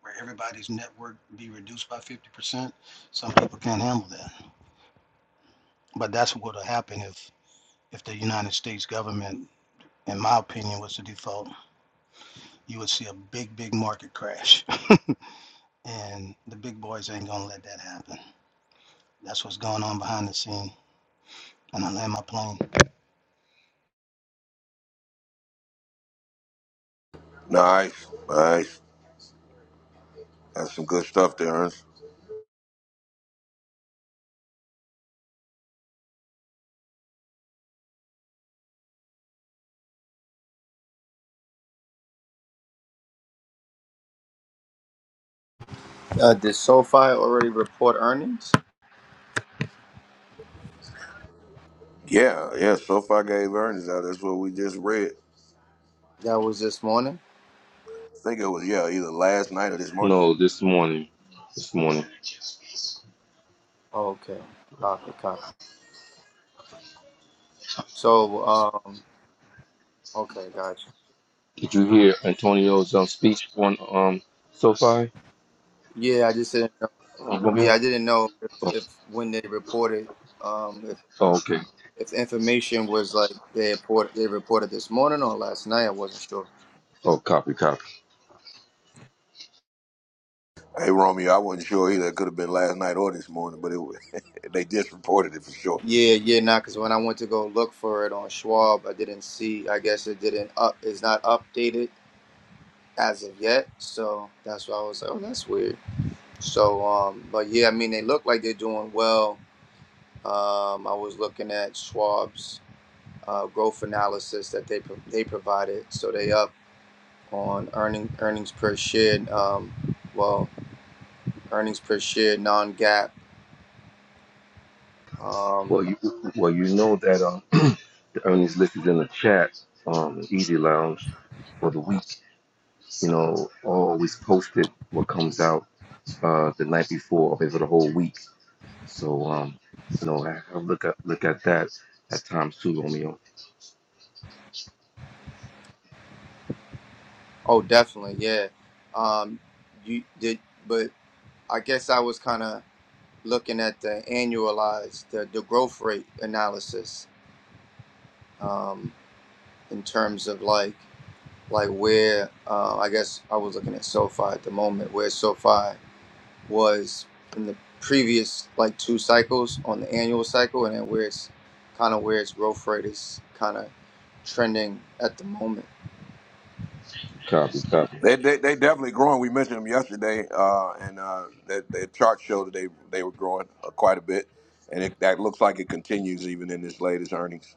where everybody's network be reduced by 50%. Some people can't handle that. But that's what will happen if, if the United States government, in my opinion, was the default. You would see a big, big market crash. and the big boys ain't going to let that happen. That's what's going on behind the scene. And I land my plane. Nice, nice. That's some good stuff there, Ernst. Uh, did SoFi already report earnings? Yeah, yeah. SoFi gave earnings out. That's what we just read. That was this morning? I think it was yeah, either last night or this morning. No, this morning. This morning. Oh, okay. Copy, copy. So, um, okay, gotcha. Did you hear Antonio's um, speech on um SoFi? Yeah, I just didn't know. Uh, Yeah, Romeo? I didn't know if, Oh, if when they reported, um, if, oh, okay. if the information was like they report they reported this morning or last night. I wasn't sure. Oh, copy, copy. Hey Romeo, I wasn't sure either. It could have been last night or this morning, but it was, they just reported it for sure. Yeah, yeah, nah, because when I went to go look for it on Schwab, I didn't see. I guess it didn't up. It's not updated as of yet. So that's why I was like, oh, that's weird. So, um, but yeah, I mean, they look like they're doing well. Um, I was looking at Schwab's uh, growth analysis that they pro- they provided. So they up on earning earnings per share. Um, well, earnings per share non-GAAP. Um, Well, you well you know that um the earnings list is in the chat um Easy Lounge for the week. You know, always posted what comes out uh the night before or for the whole week. So um you know I, I look at look at that at times too, Romeo. oh, definitely, yeah. Um, you did, but I guess I was kind of looking at the annualized the, the growth rate analysis um, in terms of like. like where uh, I guess I was looking at SoFi at the moment, where SoFi was in the previous like two cycles on the annual cycle, and then where it's kind of where its growth rate is kind of trending at the moment. Copy, copy. They, It's they they definitely growing. We mentioned them yesterday, uh, and uh, that their chart showed that they they were growing uh, quite a bit, and it, that looks like it continues even in this latest earnings.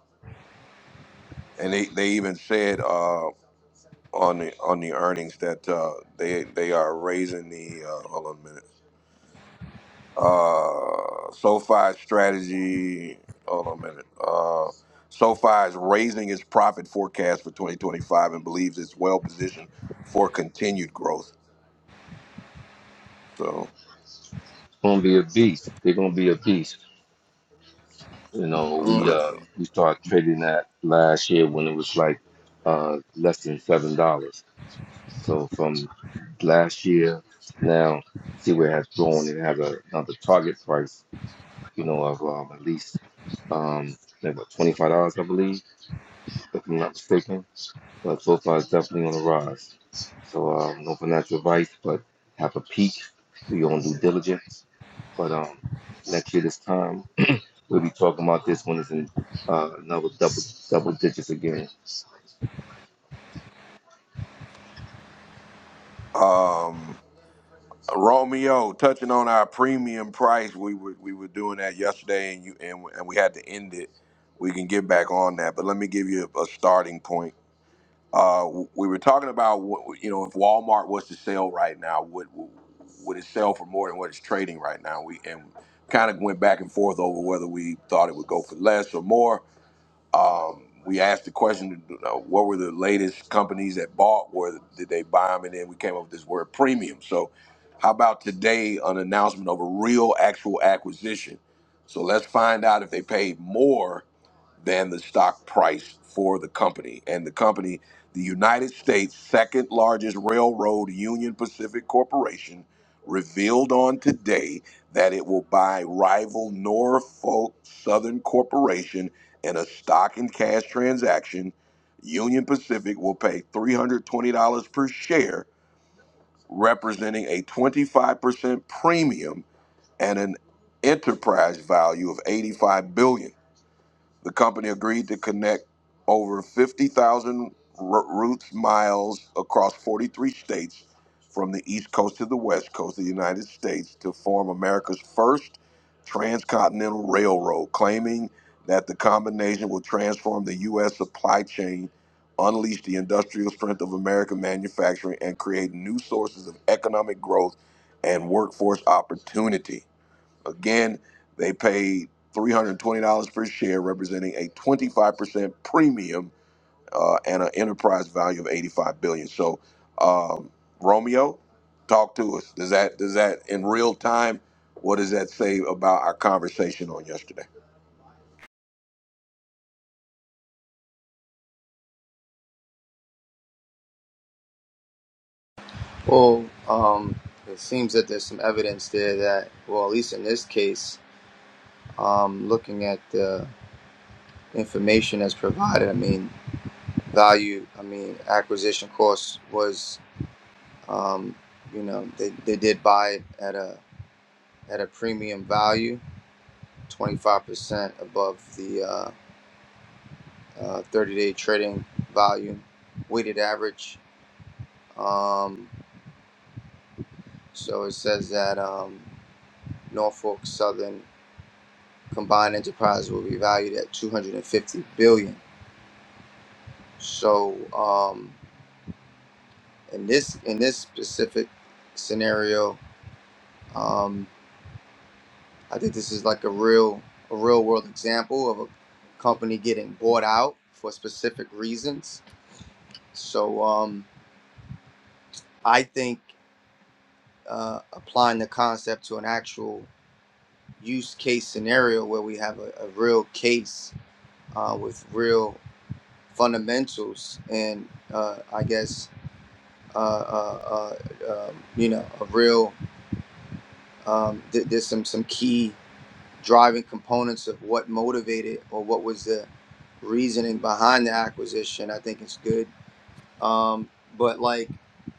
and they, they even said uh, on the on the earnings that uh, they they are raising the uh, hold on a minute uh, SoFi strategy. Hold on a minute. Uh, SoFi is raising its profit forecast for 2025 and believes it's well positioned for continued growth. So, gonna be a beast. They're gonna be a beast. You know, Mm. so we that's uh we started trading that last year when it was like uh less than seven dollars. So from last year now, see where it has grown. It has a, another target price, you know, of um, at least um like what twenty five dollars, I believe, if I'm not mistaken. But so far, it's definitely on the rise. So um, no financial advice, but have a peek. Do your own due diligence. But um, next year this time. We'll be talking about this one. it's in uh, another double double digits again. um, Romeo, touching on our premium price, we were we were doing that yesterday, and you and we- and we had to end it. We can get back on that, but let me give you a, a starting point. Uh, w- we were talking about what, you know if Walmart was to sell right now, would would it sell for more than what it's trading right now? We and kind of went back and forth over whether we thought it would go for less or more. Um, we asked the question, you know, what were the latest companies that bought? Where did they buy them? And then we came up with this word premium. So, how about today an announcement of a real, actual acquisition? So let's find out if they paid more than the stock price for the company. And the company, the United States' second largest railroad, Union Pacific Corporation, revealed on today that it will buy rival Norfolk Southern Corporation in a stock and cash transaction. Union Pacific will pay $320 per share, representing a 25% premium and an enterprise value of 85 billion. billion. The company agreed to connect over 50,000 r- routes miles across 43 states from the East Coast to the West Coast of the United States to form America's first transcontinental railroad, claiming that the combination will transform the U.S. supply chain, unleash the industrial strength of American manufacturing, and create new sources of economic growth and workforce opportunity. Again, they paid $320 per share, representing a 25% premium uh, and an enterprise value of 85 billion. dollars. So, um, Romeo, talk to us. Does that does that in real time? What does that say about our conversation on yesterday? Well, um, it seems that there's some evidence there that, well, at least in this case, um, looking at the information that's provided, I mean, value, I mean, acquisition cost was, um, you know, they, they did buy it at a at a premium value, 25% above the thirty-day uh, uh, 30-day trading volume weighted average. Um, so it says that um, Norfolk Southern combined enterprise will be valued at 250 billion. dollars. So um, in this in this specific scenario, um, I think this is like a real a real world example of a company getting bought out for specific reasons. So um, I think uh, applying the concept to an actual use case scenario where we have a, a real case uh, with real fundamentals and uh, I guess uh, uh, uh, um, you know a real um, th- there's some some key driving components of what motivated or what was the reasoning behind the acquisition. I think it's good, um, but like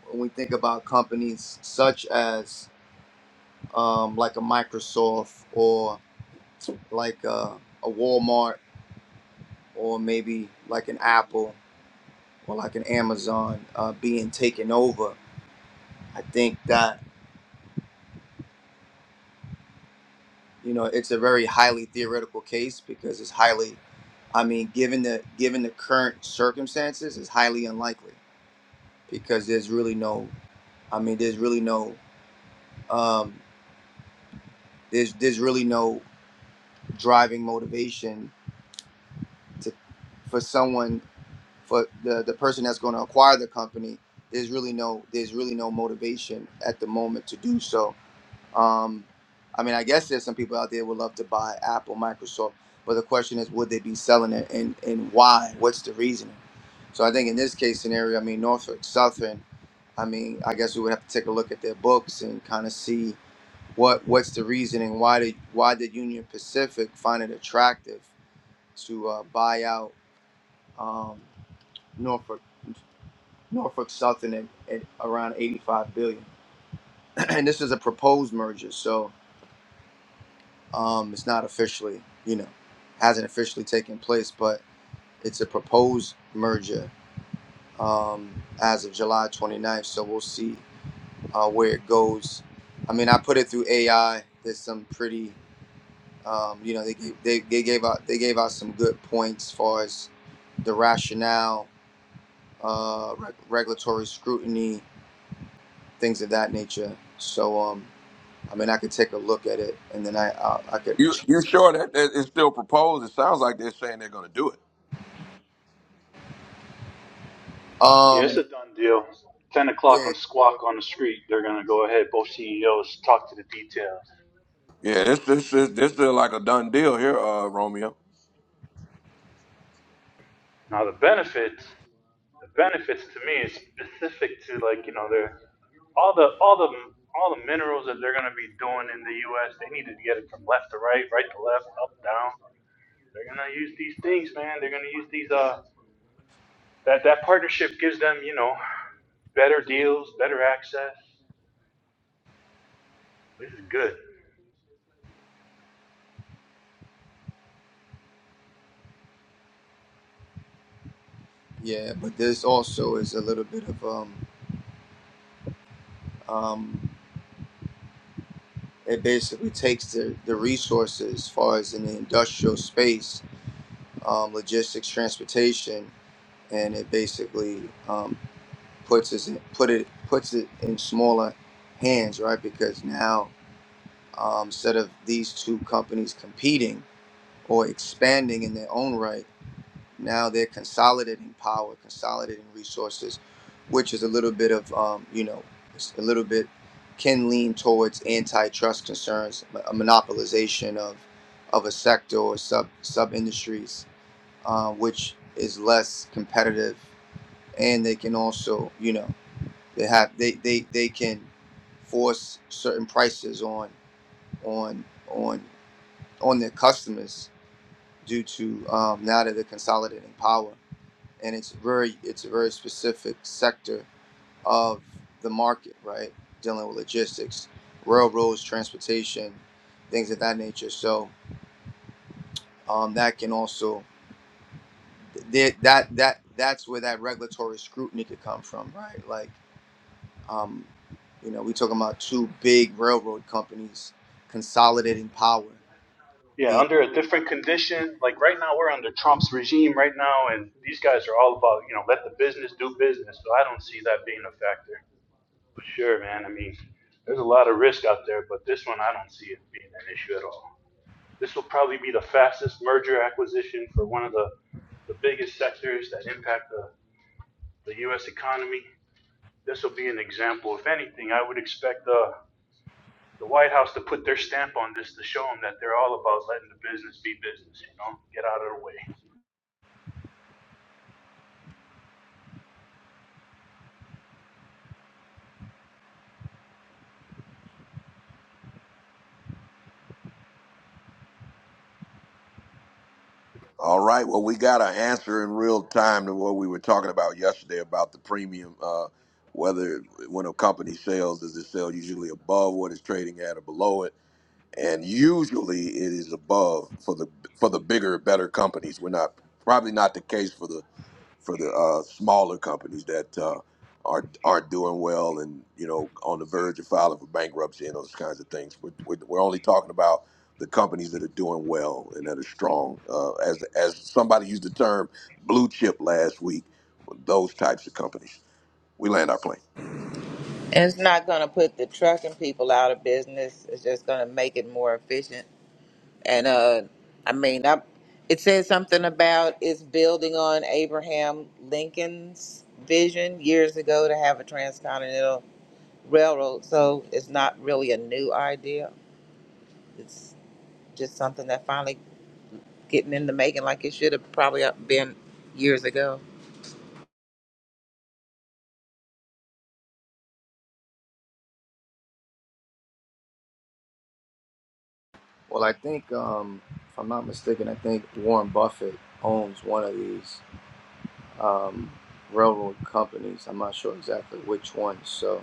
when we think about companies such as um, like a Microsoft or like a, a Walmart or maybe like an Apple or like an Amazon uh, being taken over. I think that you know it's a very highly theoretical case because it's highly, I mean, given the given the current circumstances, it's highly unlikely because there's really no, I mean, there's really no, um, there's there's really no driving motivation to for someone for the, the person that's going to acquire the company there's really no there's really no motivation at the moment to do so um, i mean i guess there's some people out there who would love to buy apple microsoft but the question is would they be selling it and and why what's the reasoning so i think in this case scenario i mean norfolk southern i mean i guess we would have to take a look at their books and kind of see what what's the reasoning why did why did union pacific find it attractive to uh, buy out um, norfolk Norfolk Southern at, at around 85 billion. and this is a proposed merger, so um, it's not officially, you know, hasn't officially taken place, but it's a proposed merger um, as of July 29th. So we'll see uh, where it goes. I mean, I put it through AI. There's some pretty, um, you know, they, gave- they, they gave out they gave out some good points as far as the rationale, uh, reg- regulatory scrutiny, things of that nature. So um, I mean, I could take a look at it, and then I I, I could. You you choose some. sure that, that it's still proposed? It sounds like they're saying they're going to do it. Yeah, it's Um, a done deal. 10 o'clock yeah, on Squawk on the Street, they're going to go ahead, both CEOs talk to the details. Yeah, this this is this is like a done deal here, uh, Romeo. Now, the benefits, the benefits to me is specific to like, you know, their, all the, all the, all the minerals that they're going to be doing in the U.S., they need to get it from left to right, right to left, up, down. They're going to use these things, man. They're going to use these, uh, that, that partnership gives them, you know, better deals, better access. This is good. yeah, but this also is a little bit of um, um, it basically takes the the resources as far as in the industrial space, um, logistics, transportation, and it basically um, puts us in, put it puts it in smaller hands, right? Because now um, instead of these two companies competing or expanding in their own right. Now they're consolidating power, consolidating resources, which is a little bit of, um, you know, a little bit can lean towards antitrust concerns, a monopolization of of a sector or sub sub industries, uh, which is less competitive, and they can also, you know, they have they they, they can force certain prices on on on on their customers due to um, now that they're consolidating power and it's very it's a very specific sector of the market, right? Dealing with logistics, railroads, transportation, things of that nature. So um, that can also th- that that that's where that regulatory scrutiny could come from, right? Like um, you know, we talking about two big railroad companies consolidating power, Yeah, being under a different condition. Like right now, we're under Trump's regime right now, and these guys are all about, you know, let the business do business. So I don't see that being a factor. But sure, man, I mean, there's a lot of risk out there, but this one, I don't see it being an issue at all. This will probably be the fastest merger acquisition for one of the, the biggest sectors that impact the, the U.S. economy. This will be an example. If anything, I would expect uh, the White House to put their stamp on this to show them that they're all about letting the business be business. You know, get out of the way. All right. Well, we got an answer in real time to what we were talking about yesterday about the premium. Uh, whether when a company sells, does it sell usually above what it's trading at or below it? And usually, it is above for the for the bigger, better companies. We're not probably not the case for the for the uh, smaller companies that uh, are are doing well and you know on the verge of filing for bankruptcy and those kinds of things. We're, we're, we're only talking about the companies that are doing well and that are strong. Uh, as as somebody used the term blue chip last week, those types of companies. We land our plane. and it's not going to put the trucking people out of business it's just going to make it more efficient and uh i mean I, it says something about it's building on abraham lincoln's vision years ago to have a transcontinental railroad. So it's not really a new idea. It's just something that finally getting in the making like it should have probably been years ago. well. I think um, if I'm not mistaken, I think Warren Buffett owns one of these. um, railroad companies. I'm not sure exactly which one. So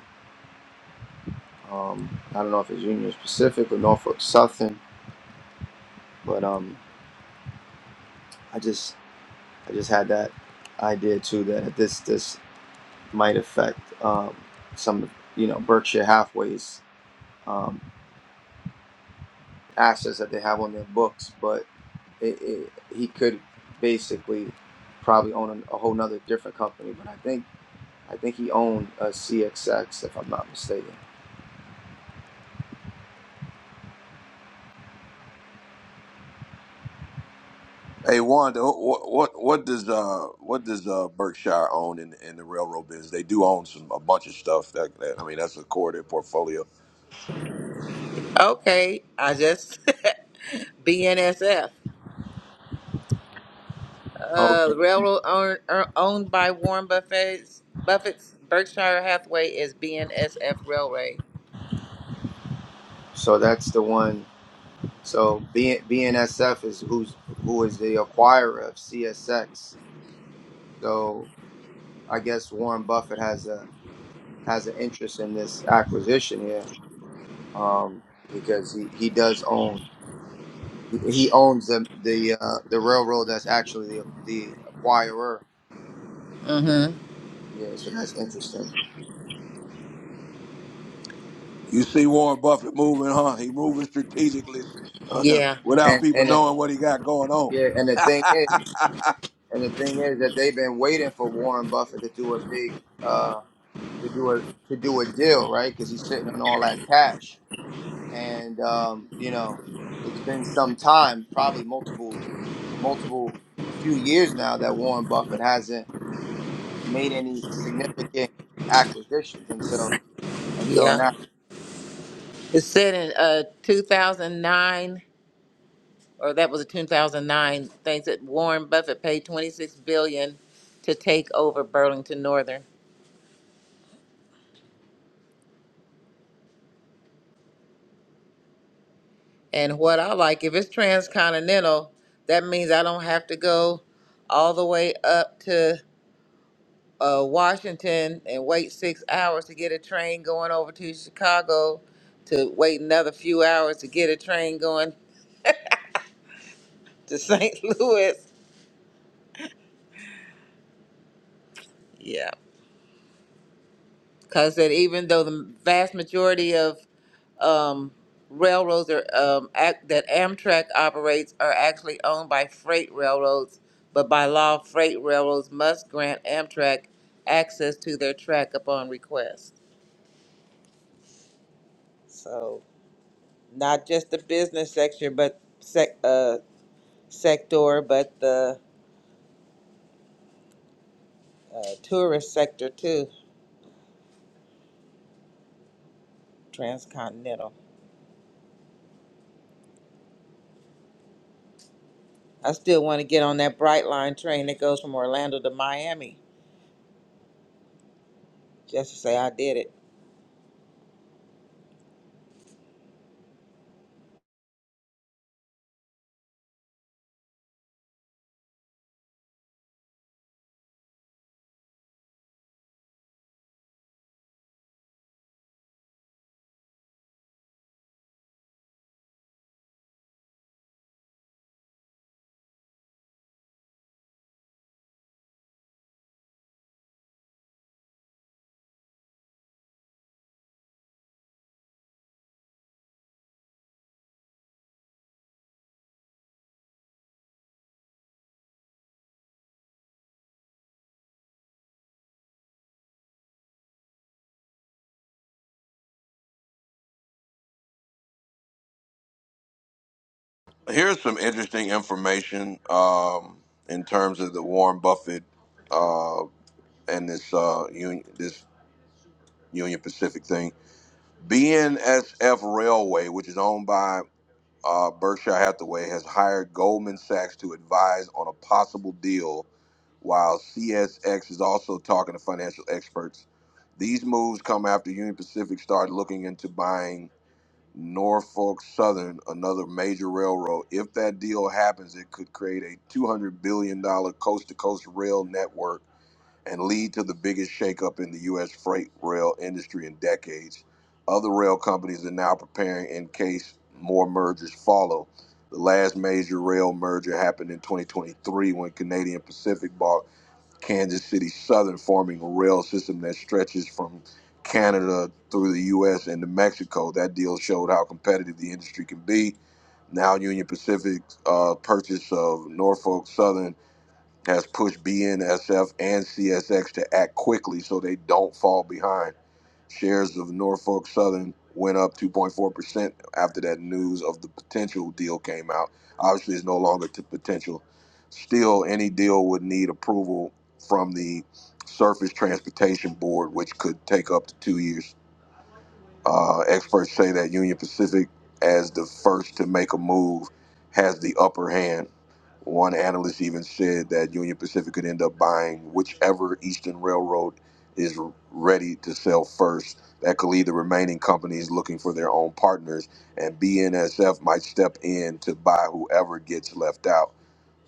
um, I don't know if it's Union Pacific or Norfolk Southern, but um, I just I just had that idea too that this this might affect um, some you know Berkshire Hathaways um, assets that they have on their books, but it, it, he could basically probably own a, a whole nother different company. But I think I think he owned a CXX if I'm not mistaken. Hey Wanda, what what what does uh what does uh Berkshire own in in the railroad business? They do own some a bunch of stuff. That, that I mean, that's a core of their portfolio. Okay, I just BNSF. Uh, Okay, the railroad owned, er, owned by Warren Buffett's, Buffett's Berkshire Hathaway is BNSF Railway. so that's the one So B- BNSF is who's who is the acquirer of CSX. So I guess Warren Buffett has a has an interest in this acquisition here um, because he, he does own he owns the the uh, the railroad that's actually the the acquirer. Mm-hmm. Yeah, so that's interesting. You see Warren Buffett moving, huh? He moving strategically uh, Yeah, without And people and it, knowing what he got going on. yeah, and the thing is, and the thing is that they've been waiting for Warren Buffett to do a big uh, to do a to do a deal, right? Because he's sitting on all that cash. and um, you know, it's been some time, probably multiple, multiple, a few years now that Warren Buffett hasn't made any significant acquisitions until until yeah. now. It said in uh, 2009. or that was a 2009 things that Warren Buffett paid 26 billion to take over Burlington Northern. And what I like, if it's transcontinental, that means I don't have to go all the way up to uh, Washington and wait six hours to get a train going over to Chicago, to wait another few hours to get a train going to St. Louis. Yeah, because that even though the vast majority of um, railroads are, um, act, that Amtrak operates are actually owned by freight railroads, but by law, freight railroads must grant Amtrak access to their track upon request. So, not just the business sector, but sec, uh, sector, but the uh, tourist sector too. Transcontinental. I still want to get on that Brightline train that goes from Orlando to Miami, just to say I did it. Here's some interesting information um, in terms of the Warren Buffett uh, and this uh, union, this Union Pacific thing. BNSF Railway, which is owned by uh, Berkshire Hathaway, has hired Goldman Sachs to advise on a possible deal while CSX is also talking to financial experts. These moves come after Union Pacific started looking into buying Norfolk Southern, another major railroad. If that deal happens, it could create a $200 billion coast to coast rail network and lead to the biggest shakeup in the U.S. freight rail industry in decades. Other rail companies are now preparing in case more mergers follow. The last major rail merger happened in 2023 when Canadian Pacific bought Kansas City Southern forming a rail system that stretches from Canada through the U.S. and to Mexico. That deal showed how competitive the industry can be. Now, Union Pacific's uh, purchase of Norfolk Southern has pushed BNSF and CSX to act quickly so they don't fall behind Shares of Norfolk Southern went up 2.4% after that news of the potential deal came out. Obviously, it's no longer t- potential. Still, any deal would need approval from the Surface Transportation Board, which could take up to two years. Uh, experts say that Union Pacific, as the first to make a move, has the upper hand. One analyst even said that Union Pacific could end up buying whichever Eastern Railroad is ready to sell first. That could leave the remaining companies looking for their own partners, and BNSF might step in to buy whoever gets left out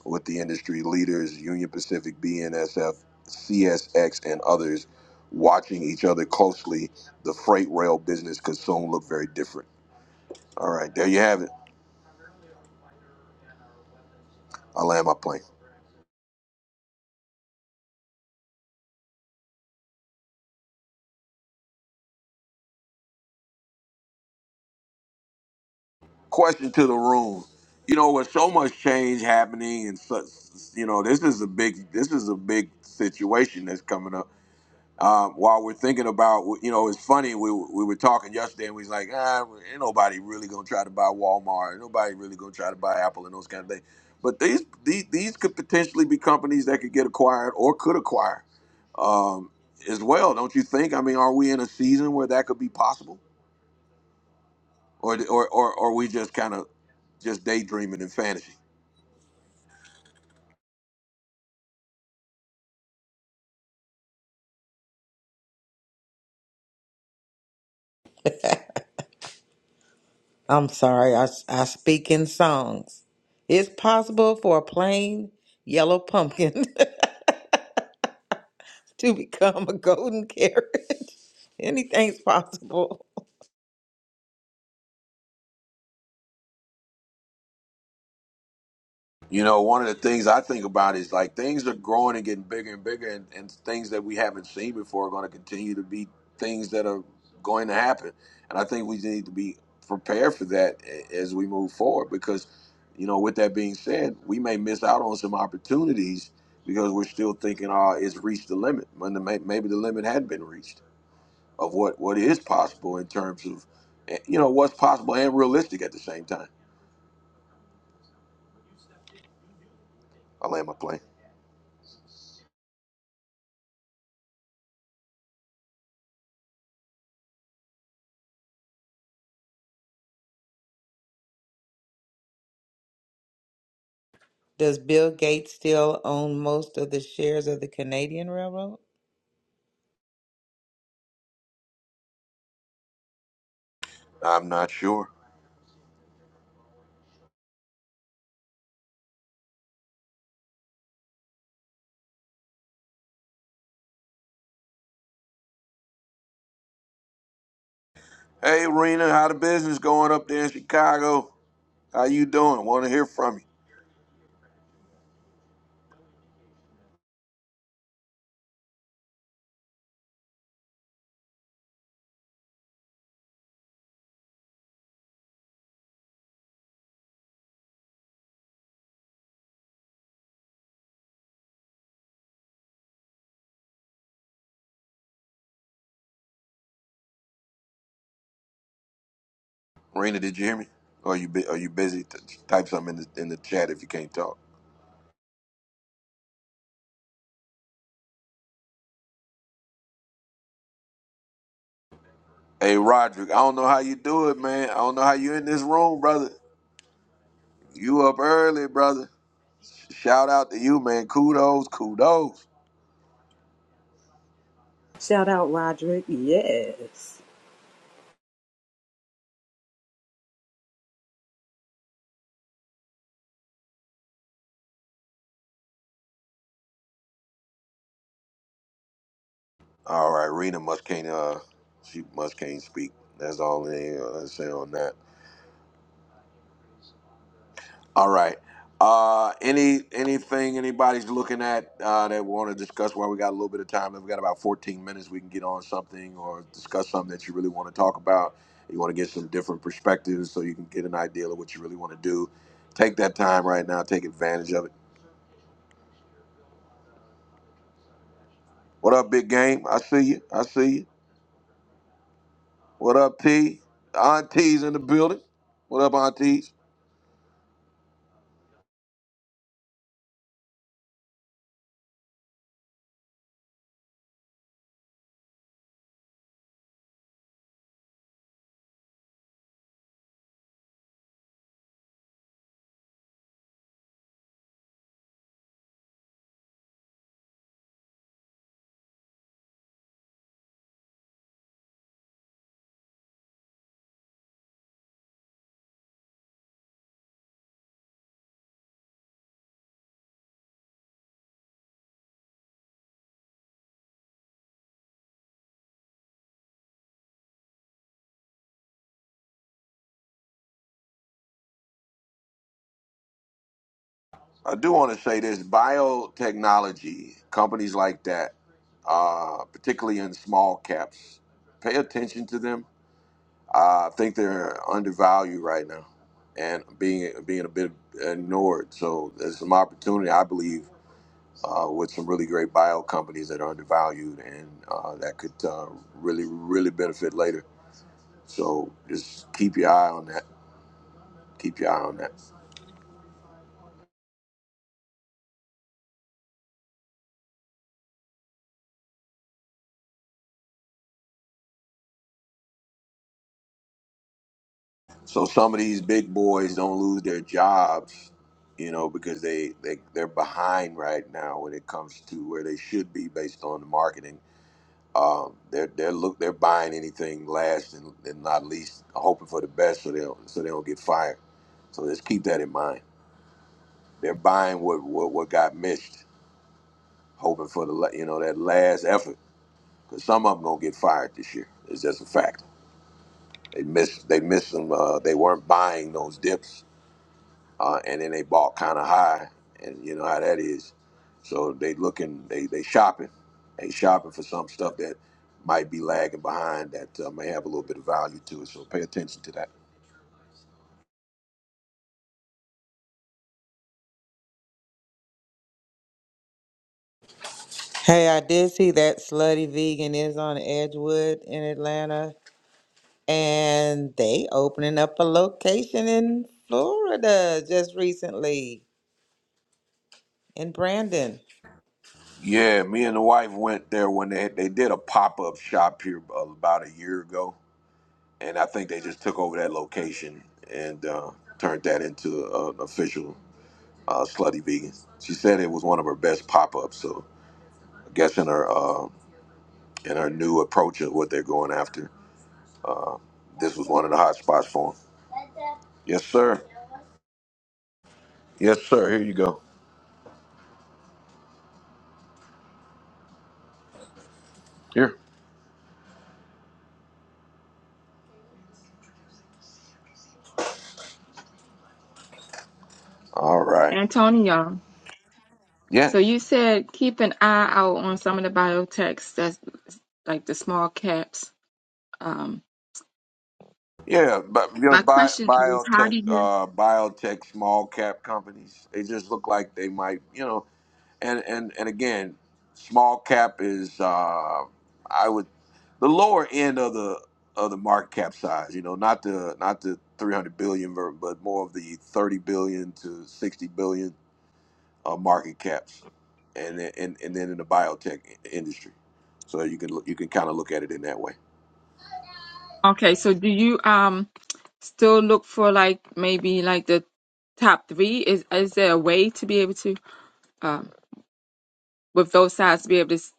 with the industry leaders, Union Pacific, BNSF, CSX, and others watching each other closely, the freight rail business could soon look very different. All right, there you have it. I land my plane. Question to the room. You know, with so much change happening and such, you know, this is a big, this is a big situation that's coming up um, while we're thinking about, you know, it's funny. We we were talking yesterday, and we was like, ah, well, ain't nobody really gonna try to buy Walmart. Ain't nobody really gonna try to buy Apple and those kind of things. But these these, these could potentially be companies that could get acquired or could acquire um, as well, don't you think? I mean, are we in a season where that could be possible, or or or, or are we just kind of just daydreaming and fantasy? I'm sorry, I, s- I speak in songs. It's possible for a plain yellow pumpkin to become a golden carrot. Anything's possible. You know, one of the things I think about is like things are growing and getting bigger and bigger, and, and things that we haven't seen before are going to continue to be things that are going to happen. And I think we need to be prepared for that a- as we move forward because, you know, with that being said, we may miss out on some opportunities because we're still thinking, oh, it's reached the limit. When the, may- maybe the limit had been reached of what, what is possible in terms of, eh, you know, what's possible and realistic at the same time. I land my plane. Does Bill Gates still own most of the shares of the Canadian Railroad? I'm not sure. Hey, Rena, how the business going up there in Chicago? How you doing? Want to hear from you, Rena? Did you hear me? Or are you bu- are you busy? T- type something in the in the chat if you can't talk. Hey, Roderick, I don't know how you do it, man. I don't know how you in this room, brother. You up early, brother. Shout out to you, man. Kudos, kudos. Shout out Roderick. Yes. All right, Rena must can't uh, she must can't speak. That's all they uh, say on that. All right. Uh, any anything anybody's looking at uh, that we want to discuss while we got a little bit of time? If we got about 14 minutes, we can get on something or discuss something that you really want to talk about. You want to get some different perspectives so you can get an idea of what you really want to do. Take that time right now. Take advantage of it. What up, big game? I see you. I see you. What up, T? Auntie's in the building. What up, aunties? I do want to say this biotechnology, companies like that, uh, particularly in small caps, pay attention to them. Uh, I think they're undervalued right now and being being a bit ignored. So there's some opportunity, I believe, uh, with some really great bio companies that are undervalued and uh, that could uh, really, really benefit later. So just keep your eye on that. Keep your eye on that. So some of these big boys don't lose their jobs, you know, because they, they they're behind right now when it comes to where they should be based on the marketing. Um, they're they're look they're buying anything last and, and not least, hoping for the best so they don't so they don't get fired. So just keep that in mind. They're buying what what, what got missed, hoping for the la- you know that last effort. Because some of them gonna get fired this year. It's just a fact. They missed they missed them. Uh, they weren't buying those dips uh, and then they bought kind of high, and you know how that is. So they looking, they they shopping, they shopping for some stuff that might be lagging behind that uh, may have a little bit of value to it. So pay attention to that. Hey, I did see that Slutty Vegan is on Edgewood in Atlanta, and they opening up a location in Florida just recently in Brandon. Yeah, me and the wife went there when they they did a pop up shop here about a year ago, and I think they just took over that location and uh, turned that into an official uh, slutty vegan. She said it was one of her best pop ups. So I guess in her uh, in her new approach of what they're going after Um, This was one of the hot spots for him. Yes, sir. Yes, sir. Here you go. Here. All right. Antonio. So Yes. you said keep an eye out on some of the biotechs that's like the small caps. Um. Yeah, but you know, My bi- question is, how biotech, do you? uh, biotech, small cap companies, they just look like they might, you know, and and and again, small cap is, uh, I would, the lower end of the of the market cap size, you know, not the not the three hundred billion, ver- but more of the thirty billion to sixty billion uh, market caps, and then- and and then in the biotech i- industry. So you can look- you can kind of look at it in that way. Okay, so do you um still look for like maybe like the top three? Is is there a way to be able to um with those sides to be able to s-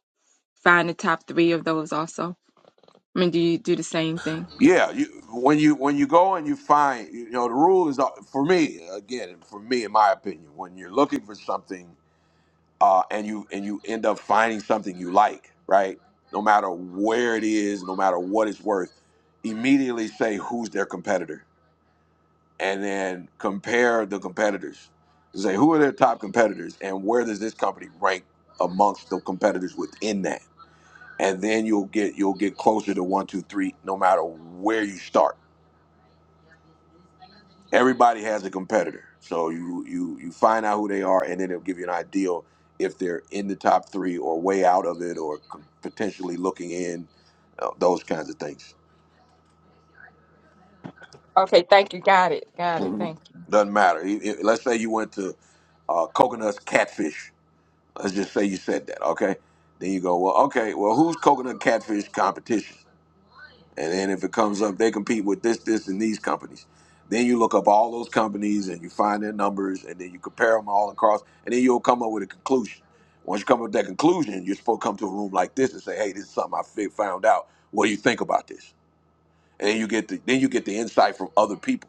find the top three of those also? I mean, do you do the same thing? Yeah, you when you when you go and you find you know the rule is uh, for me again for me in my opinion when you're looking for something uh, and you and you end up finding something you like right no matter where it is no matter what it's worth immediately say who's their competitor and then compare the competitors to say who are their top competitors and where does this company rank amongst the competitors within that and then you'll get you'll get closer to one two three no matter where you start everybody has a competitor so you you you find out who they are and then it'll give you an idea if they're in the top three or way out of it or c- potentially looking in uh, those kinds of things Okay, thank you. Got it. Got it. Mhm. Thank you. doesn't matter E- e- let's say you went to uh, coconuts catfish Let's just say you said that, okay? Then you go, well, okay, well, who's coconut catfish competition? And then if it comes up, they compete with this, this, and these companies. Then you look up all those companies and you find their numbers and then you compare them all across and then you'll come up with a conclusion. Once you come up with that conclusion, you're supposed to come to a room like this and say, hey, this is something I fi- found out. What do you think about this? And then you get the then you get the insight from other people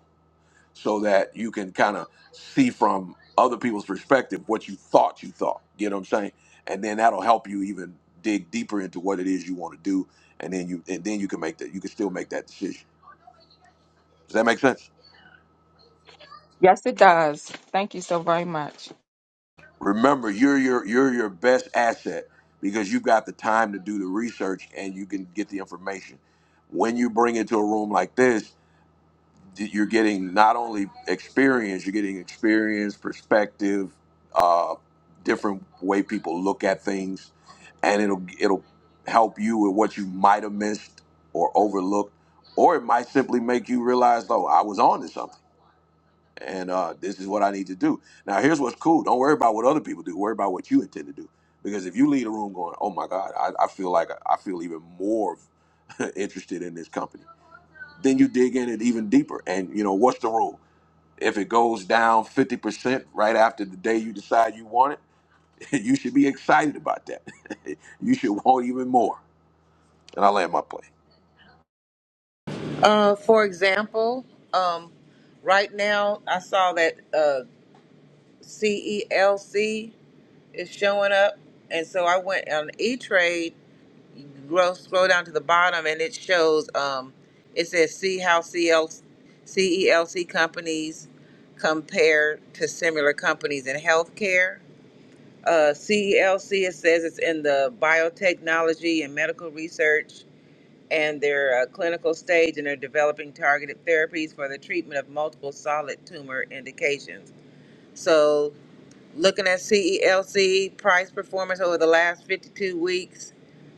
so that you can kind of see from other people's perspective what you thought you thought. You know what I'm saying? And then that'll help you even dig deeper into what it is you want to do, and then you and then you can make that. You can still make that decision. Does that make sense? Yes, it does. Thank you so very much. Remember, you're your you're your best asset because you've got the time to do the research and you can get the information. When you bring it to a room like this, you're getting not only experience, you're getting experience, perspective, uh, different way people look at things, and it'll it'll help you with what you might have missed or overlooked, or it might simply make you realize, oh, I was on to something, and uh, this is what I need to do. Now, here's what's cool: don't worry about what other people do; worry about what you intend to do. Because if you leave a room going, oh my God, I, I feel like I feel even more interested in this company then you dig in it even deeper. And you know, what's the rule? If it goes down 50% right after the day you decide you want it, you should be excited about that. you should want even more. And I land my plane. Uh, for example, um, right now I saw that uh, CELC is showing up, and so I went on E Trade. Scroll, scroll down to the bottom, and it shows. Um, it says see how CL, companies compare to similar companies in healthcare. Uh, CELC it says it's in the biotechnology and medical research and they're a clinical stage and are developing targeted therapies for the treatment of multiple solid tumor indications. So, looking at CELC price performance over the last 52 weeks,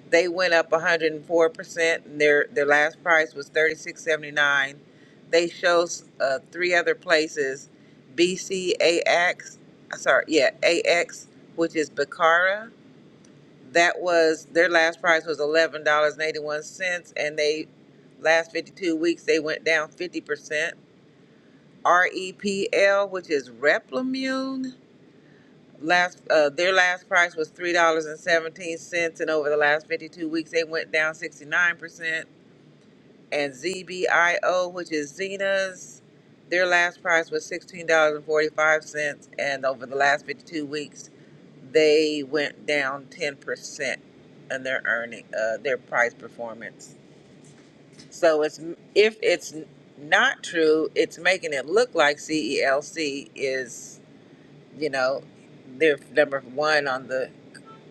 they went up 104%. And their their last price was 36.79. They show uh, three other places, BCAX, uh, sorry, yeah, AX, which is Bicara that was their last price was eleven dollars and eighty one cents, and they last fifty two weeks they went down fifty percent. REPL, which is Replimune, last uh, their last price was three dollars and seventeen cents, and over the last fifty two weeks they went down sixty nine percent and ZBIO, which is Zena's. Their last price was $16.45, and forty-five cents, and over the last 52 weeks, they went down 10% in their earning, uh, their price performance. So it's if it's not true, it's making it look like CELC is, you know, they're number one on the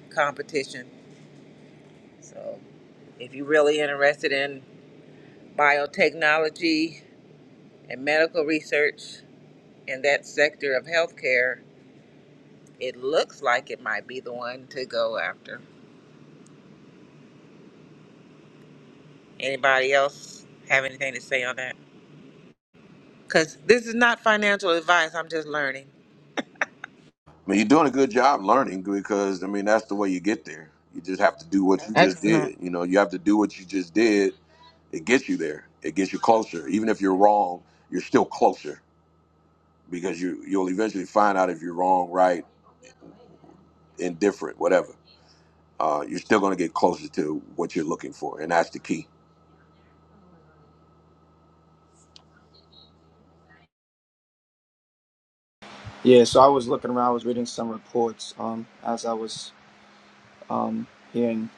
competition. So if you're really interested in biotechnology and medical research, In that sector of healthcare, it looks like it might be the one to go after. Anybody else have anything to say on that? Because this is not financial advice. I'm just learning. I mean, you're doing a good job learning because I mean that's the way you get there. You just have to do what you just Excellent. did. You know, you have to do what you just did. It gets you there. It gets you closer. Even if you're wrong, you're still closer because you you'll eventually find out if you're wrong, right, indifferent, whatever uh, you're still going to get closer to what you're looking for, and that's the key. Yeah, so I was looking around, I was reading some reports um, as I was um, hearing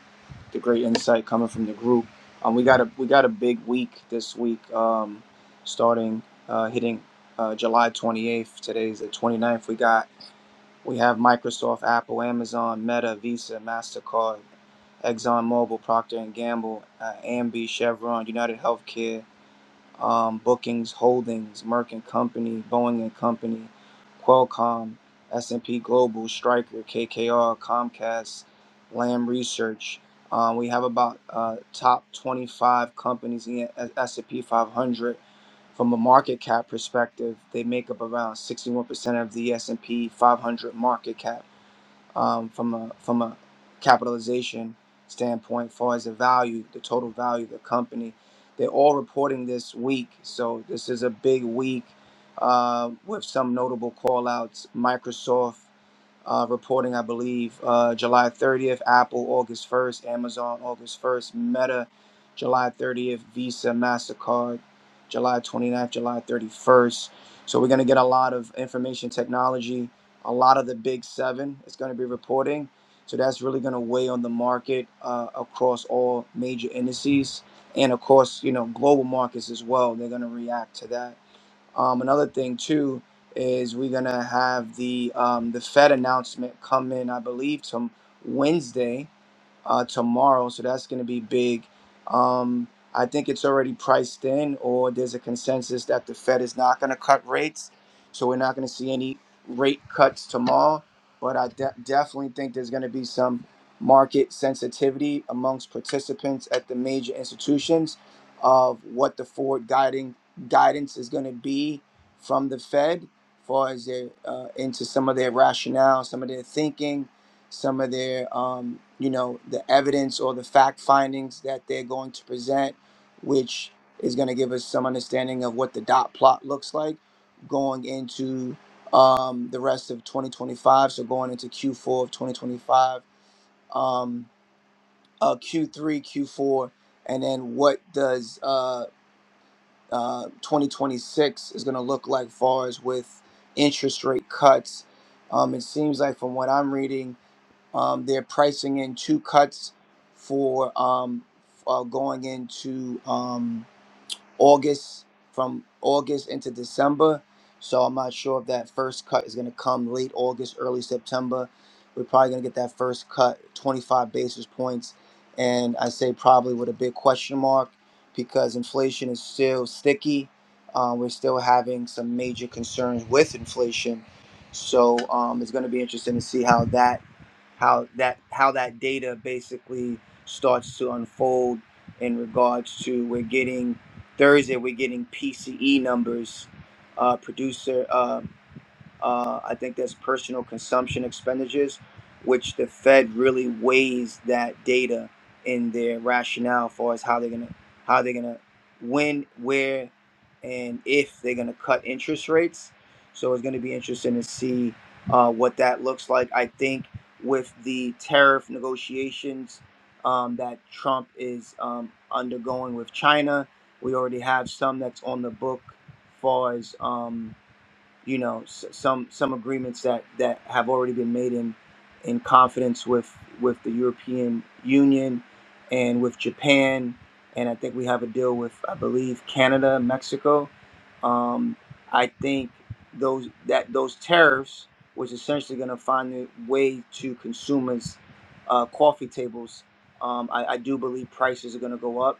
the great insight coming from the group. Um, we got a we got a big week this week, um, starting uh, hitting uh, July 28th. Today's the 29th. We got We have Microsoft, Apple, Amazon, Meta, Visa, Mastercard, ExxonMobil, Procter and Gamble, uh, Ambi, Chevron, United Healthcare, um, Bookings Holdings, Merck and Company, Boeing and Company, Qualcomm, S&P Global, Stryker, KKR, Comcast, Lam Research. Um, we have about uh, top 25 companies in the S&P 500 from a market cap perspective. They make up around 61% of the S&P 500 market cap um, from a from a capitalization standpoint, as far as the value, the total value of the company. They're all reporting this week, so this is a big week uh, with some notable callouts. Microsoft uh, reporting, I believe, uh, July 30th, Apple August 1st, Amazon August 1st, Meta July 30th, Visa, MasterCard July 29th, July 31st. So we're going to get a lot of information technology, a lot of the big seven is going to be reporting. So that's really going to weigh on the market uh, across all major indices and, of course, you know, global markets as well. They're going to react to that. Um, another thing too is we're gonna have the um, the Fed announcement come in, I believe, some Wednesday uh, tomorrow, so that's going to be big. Um, I think it's already priced in, or there's a consensus that the Fed is not going to cut rates, so we're not going to see any rate cuts tomorrow. But I de- definitely think there's going to be some market sensitivity amongst participants at the major institutions of what the forward guiding guidance is going to be from the Fed, far as their uh, into some of their rationale, some of their thinking some of their um, you know the evidence or the fact findings that they're going to present which is going to give us some understanding of what the dot plot looks like going into um, the rest of 2025 so going into q4 of 2025 um, uh, q3 q4 and then what does uh, uh, 2026 is going to look like far as with interest rate cuts um, it seems like from what i'm reading um, they're pricing in two cuts for um, uh, going into um, August, from August into December. So I'm not sure if that first cut is going to come late August, early September. We're probably going to get that first cut, 25 basis points. And I say probably with a big question mark because inflation is still sticky. Uh, we're still having some major concerns with inflation. So um, it's going to be interesting to see how that how that how that data basically starts to unfold in regards to we're getting Thursday we're getting PCE numbers, uh, producer. uh, uh, I think that's personal consumption expenditures, which the Fed really weighs that data in their rationale for as how they're gonna how they're gonna when, where, and if they're gonna cut interest rates. So it's gonna be interesting to see uh, what that looks like. I think with the tariff negotiations um, that Trump is um, undergoing with China, we already have some that's on the book, far as. um, you know s- some some agreements that that have already been made in in confidence with with the European Union and with Japan and I think we have a deal with I believe Canada Mexico um, I think those that those tariffs was essentially going to find a way to consumers uh, coffee tables um, I, I do believe prices are going to go up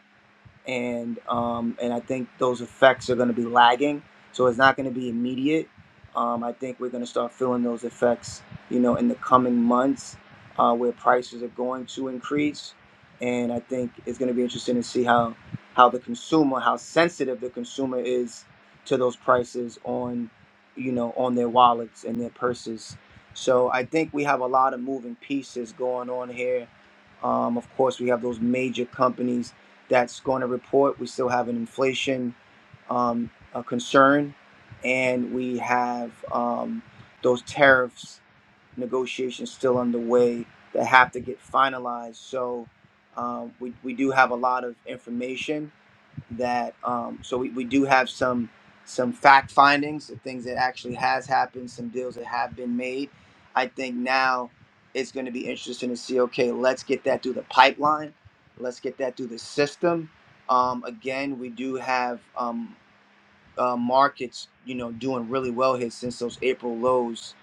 and um, and I think those effects are going to be lagging. So it's not going to be immediate. Um, I think we're going to start feeling those effects, you know, in the coming months, uh, where prices are going to increase, and I think it's going to be interesting to see how how the consumer, how sensitive the consumer is to those prices on, you know, on their wallets and their purses. So I think we have a lot of moving pieces going on here. Um, of course, we have those major companies that's going to report. We still have an inflation um, uh concern, and we have um, those tariffs negotiations still underway that have to get finalized. So um, we, we do have a lot of information that um, so we, we do have some some fact findings of things that actually has happened some deals that have been made i think now it's going to be interesting to see okay let's get that through the pipeline let's get that through the system um, again we do have um, uh, markets, you know, doing really well here since those April lows.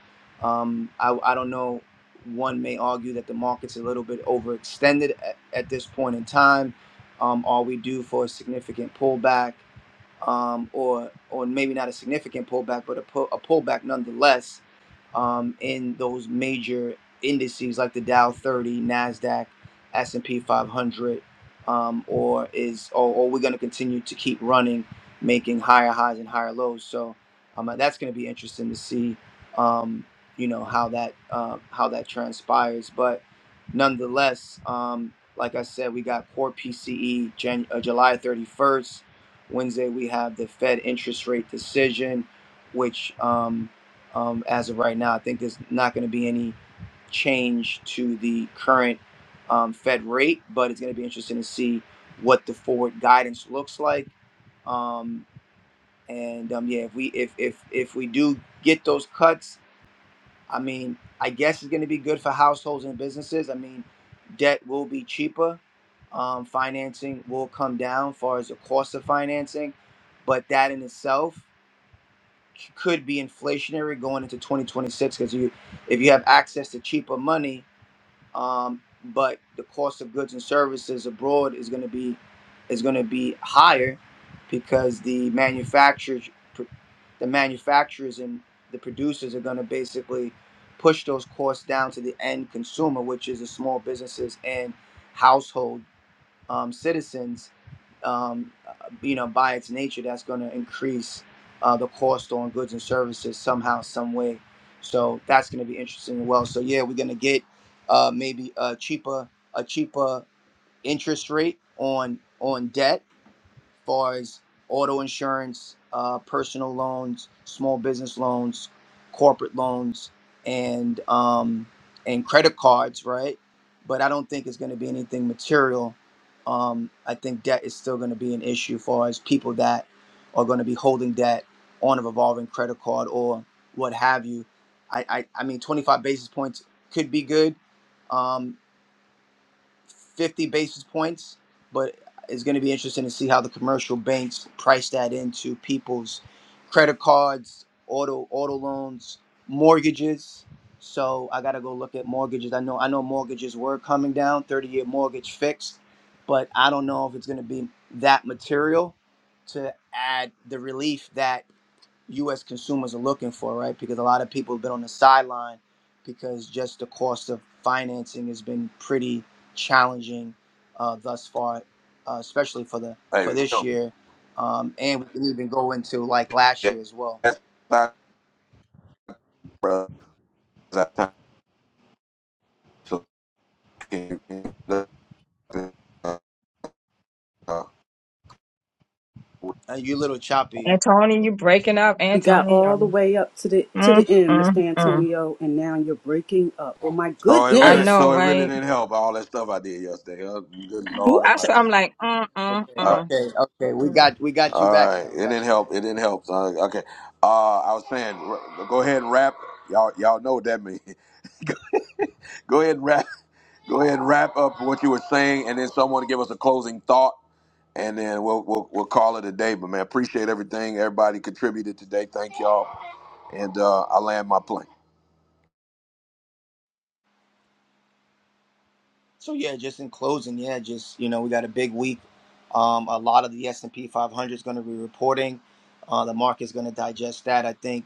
Um, I, I don't know. One may argue that the market's a little bit overextended at, at this point in time. Um, are we due for a significant pullback, um, or or maybe not a significant pullback, but a, pull, a pullback nonetheless? um, in those major indices like the Dow 30, Nasdaq, S&P 500, um, or is or, or we're going to continue to keep running, making higher highs and higher lows. So um, uh, that's going to be interesting to see, um, you know, how that uh, how that transpires. But nonetheless, um, like I said, we got core PCE Jan- uh, July 31st. Wednesday, we have the Fed interest rate decision, which. Um, um, as of right now. I think there's not going to be any change to the current um, Fed rate, but it's going to be interesting to see what the forward guidance looks like. Um, and um, yeah, if we if if if we do get those cuts, I mean, I guess it's going to be good for households and businesses. I mean, debt will be cheaper, um, financing will come down, far as the cost of financing, but that in itself could be inflationary going into 2026 because you if you have access to cheaper money um, but the cost of goods and services abroad is going to be is going to be higher because the manufacturers the manufacturers and the producers are going to basically push those costs down to the end consumer which is the small businesses and household um, citizens, um, uh, you know, by its nature, that's going to increase uh, the cost on goods and services somehow, some way. So that's going to be interesting as well. So yeah, we're going to get uh, maybe a cheaper, a cheaper interest rate on on debt far as auto insurance, uh, personal loans, small business loans, corporate loans, and um, and credit cards, right? But I don't think it's going to be anything material. Um, I think debt is still going to be an issue for as people that are going to be holding debt on a revolving credit card or what have you. I, I, I mean, 25 basis points could be good, Um, 50 basis points, but it's going to be interesting to see how the commercial banks price that into people's credit cards, auto auto loans, mortgages. So I got to go look at mortgages. I know I know mortgages were coming down, 30-year mortgage fixed, but I don't know if it's going to be that material to add the relief that U.S. consumers are looking for, right? Because a lot of people have been on the sideline because just the cost of financing has been pretty challenging uh, thus far, uh, especially for the for Hey, this yo, year, um, and we can even go into like last yeah, year as well. that's not, bro. So, uh, uh, Uh, you little choppy. Uh, Antonio, you breaking up, We got all the Antonio. way up to the to Mm, the end, mm, Mr. mm. Antonio, and now you're breaking up. Oh my so it I really, know, goodness. so it really right? didn't help all that stuff I did yesterday. huh? Good Lord of I, so mercy. I'm like, mm, mm, okay, Uh, mm. okay, okay. We got we got you all back right, it now. We got didn't you back. help. It didn't help. son. okay, uh, I was saying, r- go ahead and wrap. Y'all, y'all know what that means. go ahead and wrap. Go ahead and wrap up what you were saying, and then someone give us a closing thought and then we'll, we'll we'll call it a day. But man, appreciate everything everybody contributed today. Thank y'all, and uh, I land my plane. So yeah, just in closing, yeah, just you know, we got a big week. Um, a lot of the S and P 500 is going to be reporting. Uh, the market's going to digest that. I think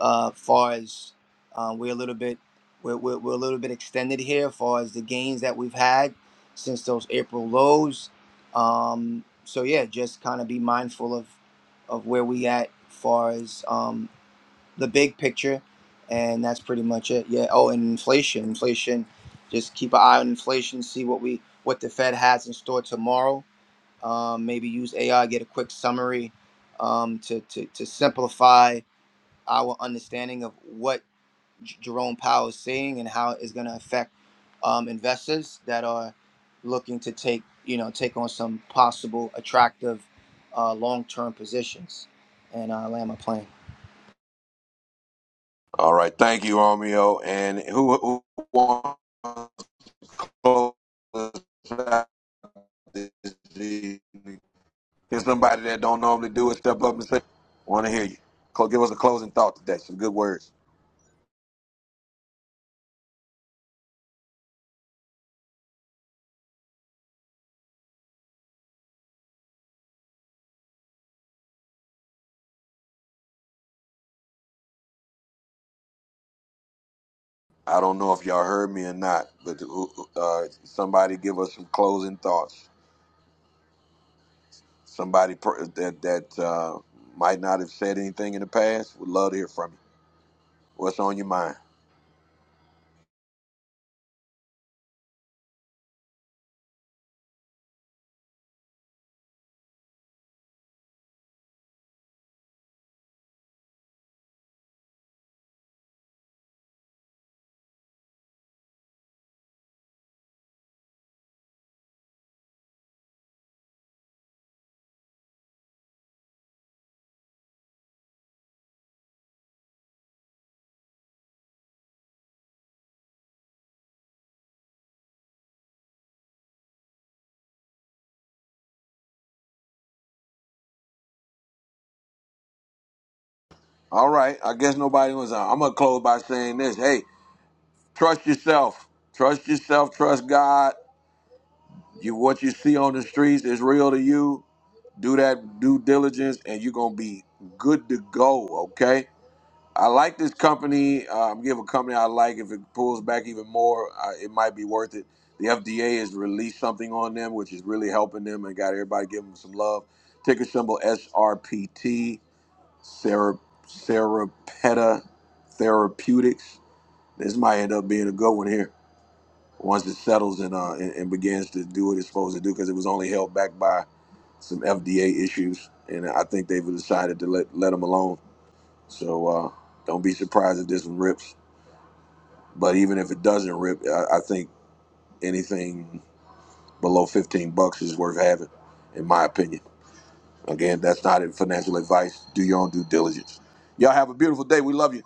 uh, far as um, we're a little bit we're, we're, we're a little bit extended here as far as the gains that we've had since those April lows. Um, so yeah, just kind of be mindful of of where we at far as um, the big picture, and that's pretty much it. Yeah. Oh, and inflation, inflation. Just keep an eye on inflation. See what we what the Fed has in store tomorrow. Um, maybe use AI. Get a quick summary um, to, to to simplify our understanding of what J- Jerome Powell is saying and how it's going to affect um, investors that are looking to take you know take on some possible attractive uh, long term positions. And uh, land my plane. All right, thank you, Romeo. And who who wants to close us out this evening? Here's somebody that don't normally do it. Step up and say, "Want to hear you." Cl- Give us a closing thought today. Some good words. I don't know if y'all heard me or not, but uh, somebody give us some closing thoughts. Somebody per- that that uh, might not have said anything in the past would love to hear from you. What's on your mind? All right, I guess nobody was. Uh, I'm gonna close by saying this. Hey, trust yourself. Trust yourself. Trust God. You what you see on the streets is real to you. Do that due diligence, and you're gonna be good to go. Okay. I like this company. Um, give a company I like. If it pulls back even more, uh, it might be worth it. The FDA has released something on them, which is really helping them and got everybody giving them some love. Ticker symbol SRPT, Sarah, Serapeta Therapeutics. This might end up being a good one here once it settles and, uh, and, and begins to do what it's supposed to do because it was only held back by some FDA issues. And I think they've decided to let, let them alone so uh, don't be surprised if this one rips. But even if it doesn't rip, I, I think anything below 15 bucks is worth having, in my opinion. Again, that's not financial advice. Do your own due diligence. Y'all have a beautiful day. We love you.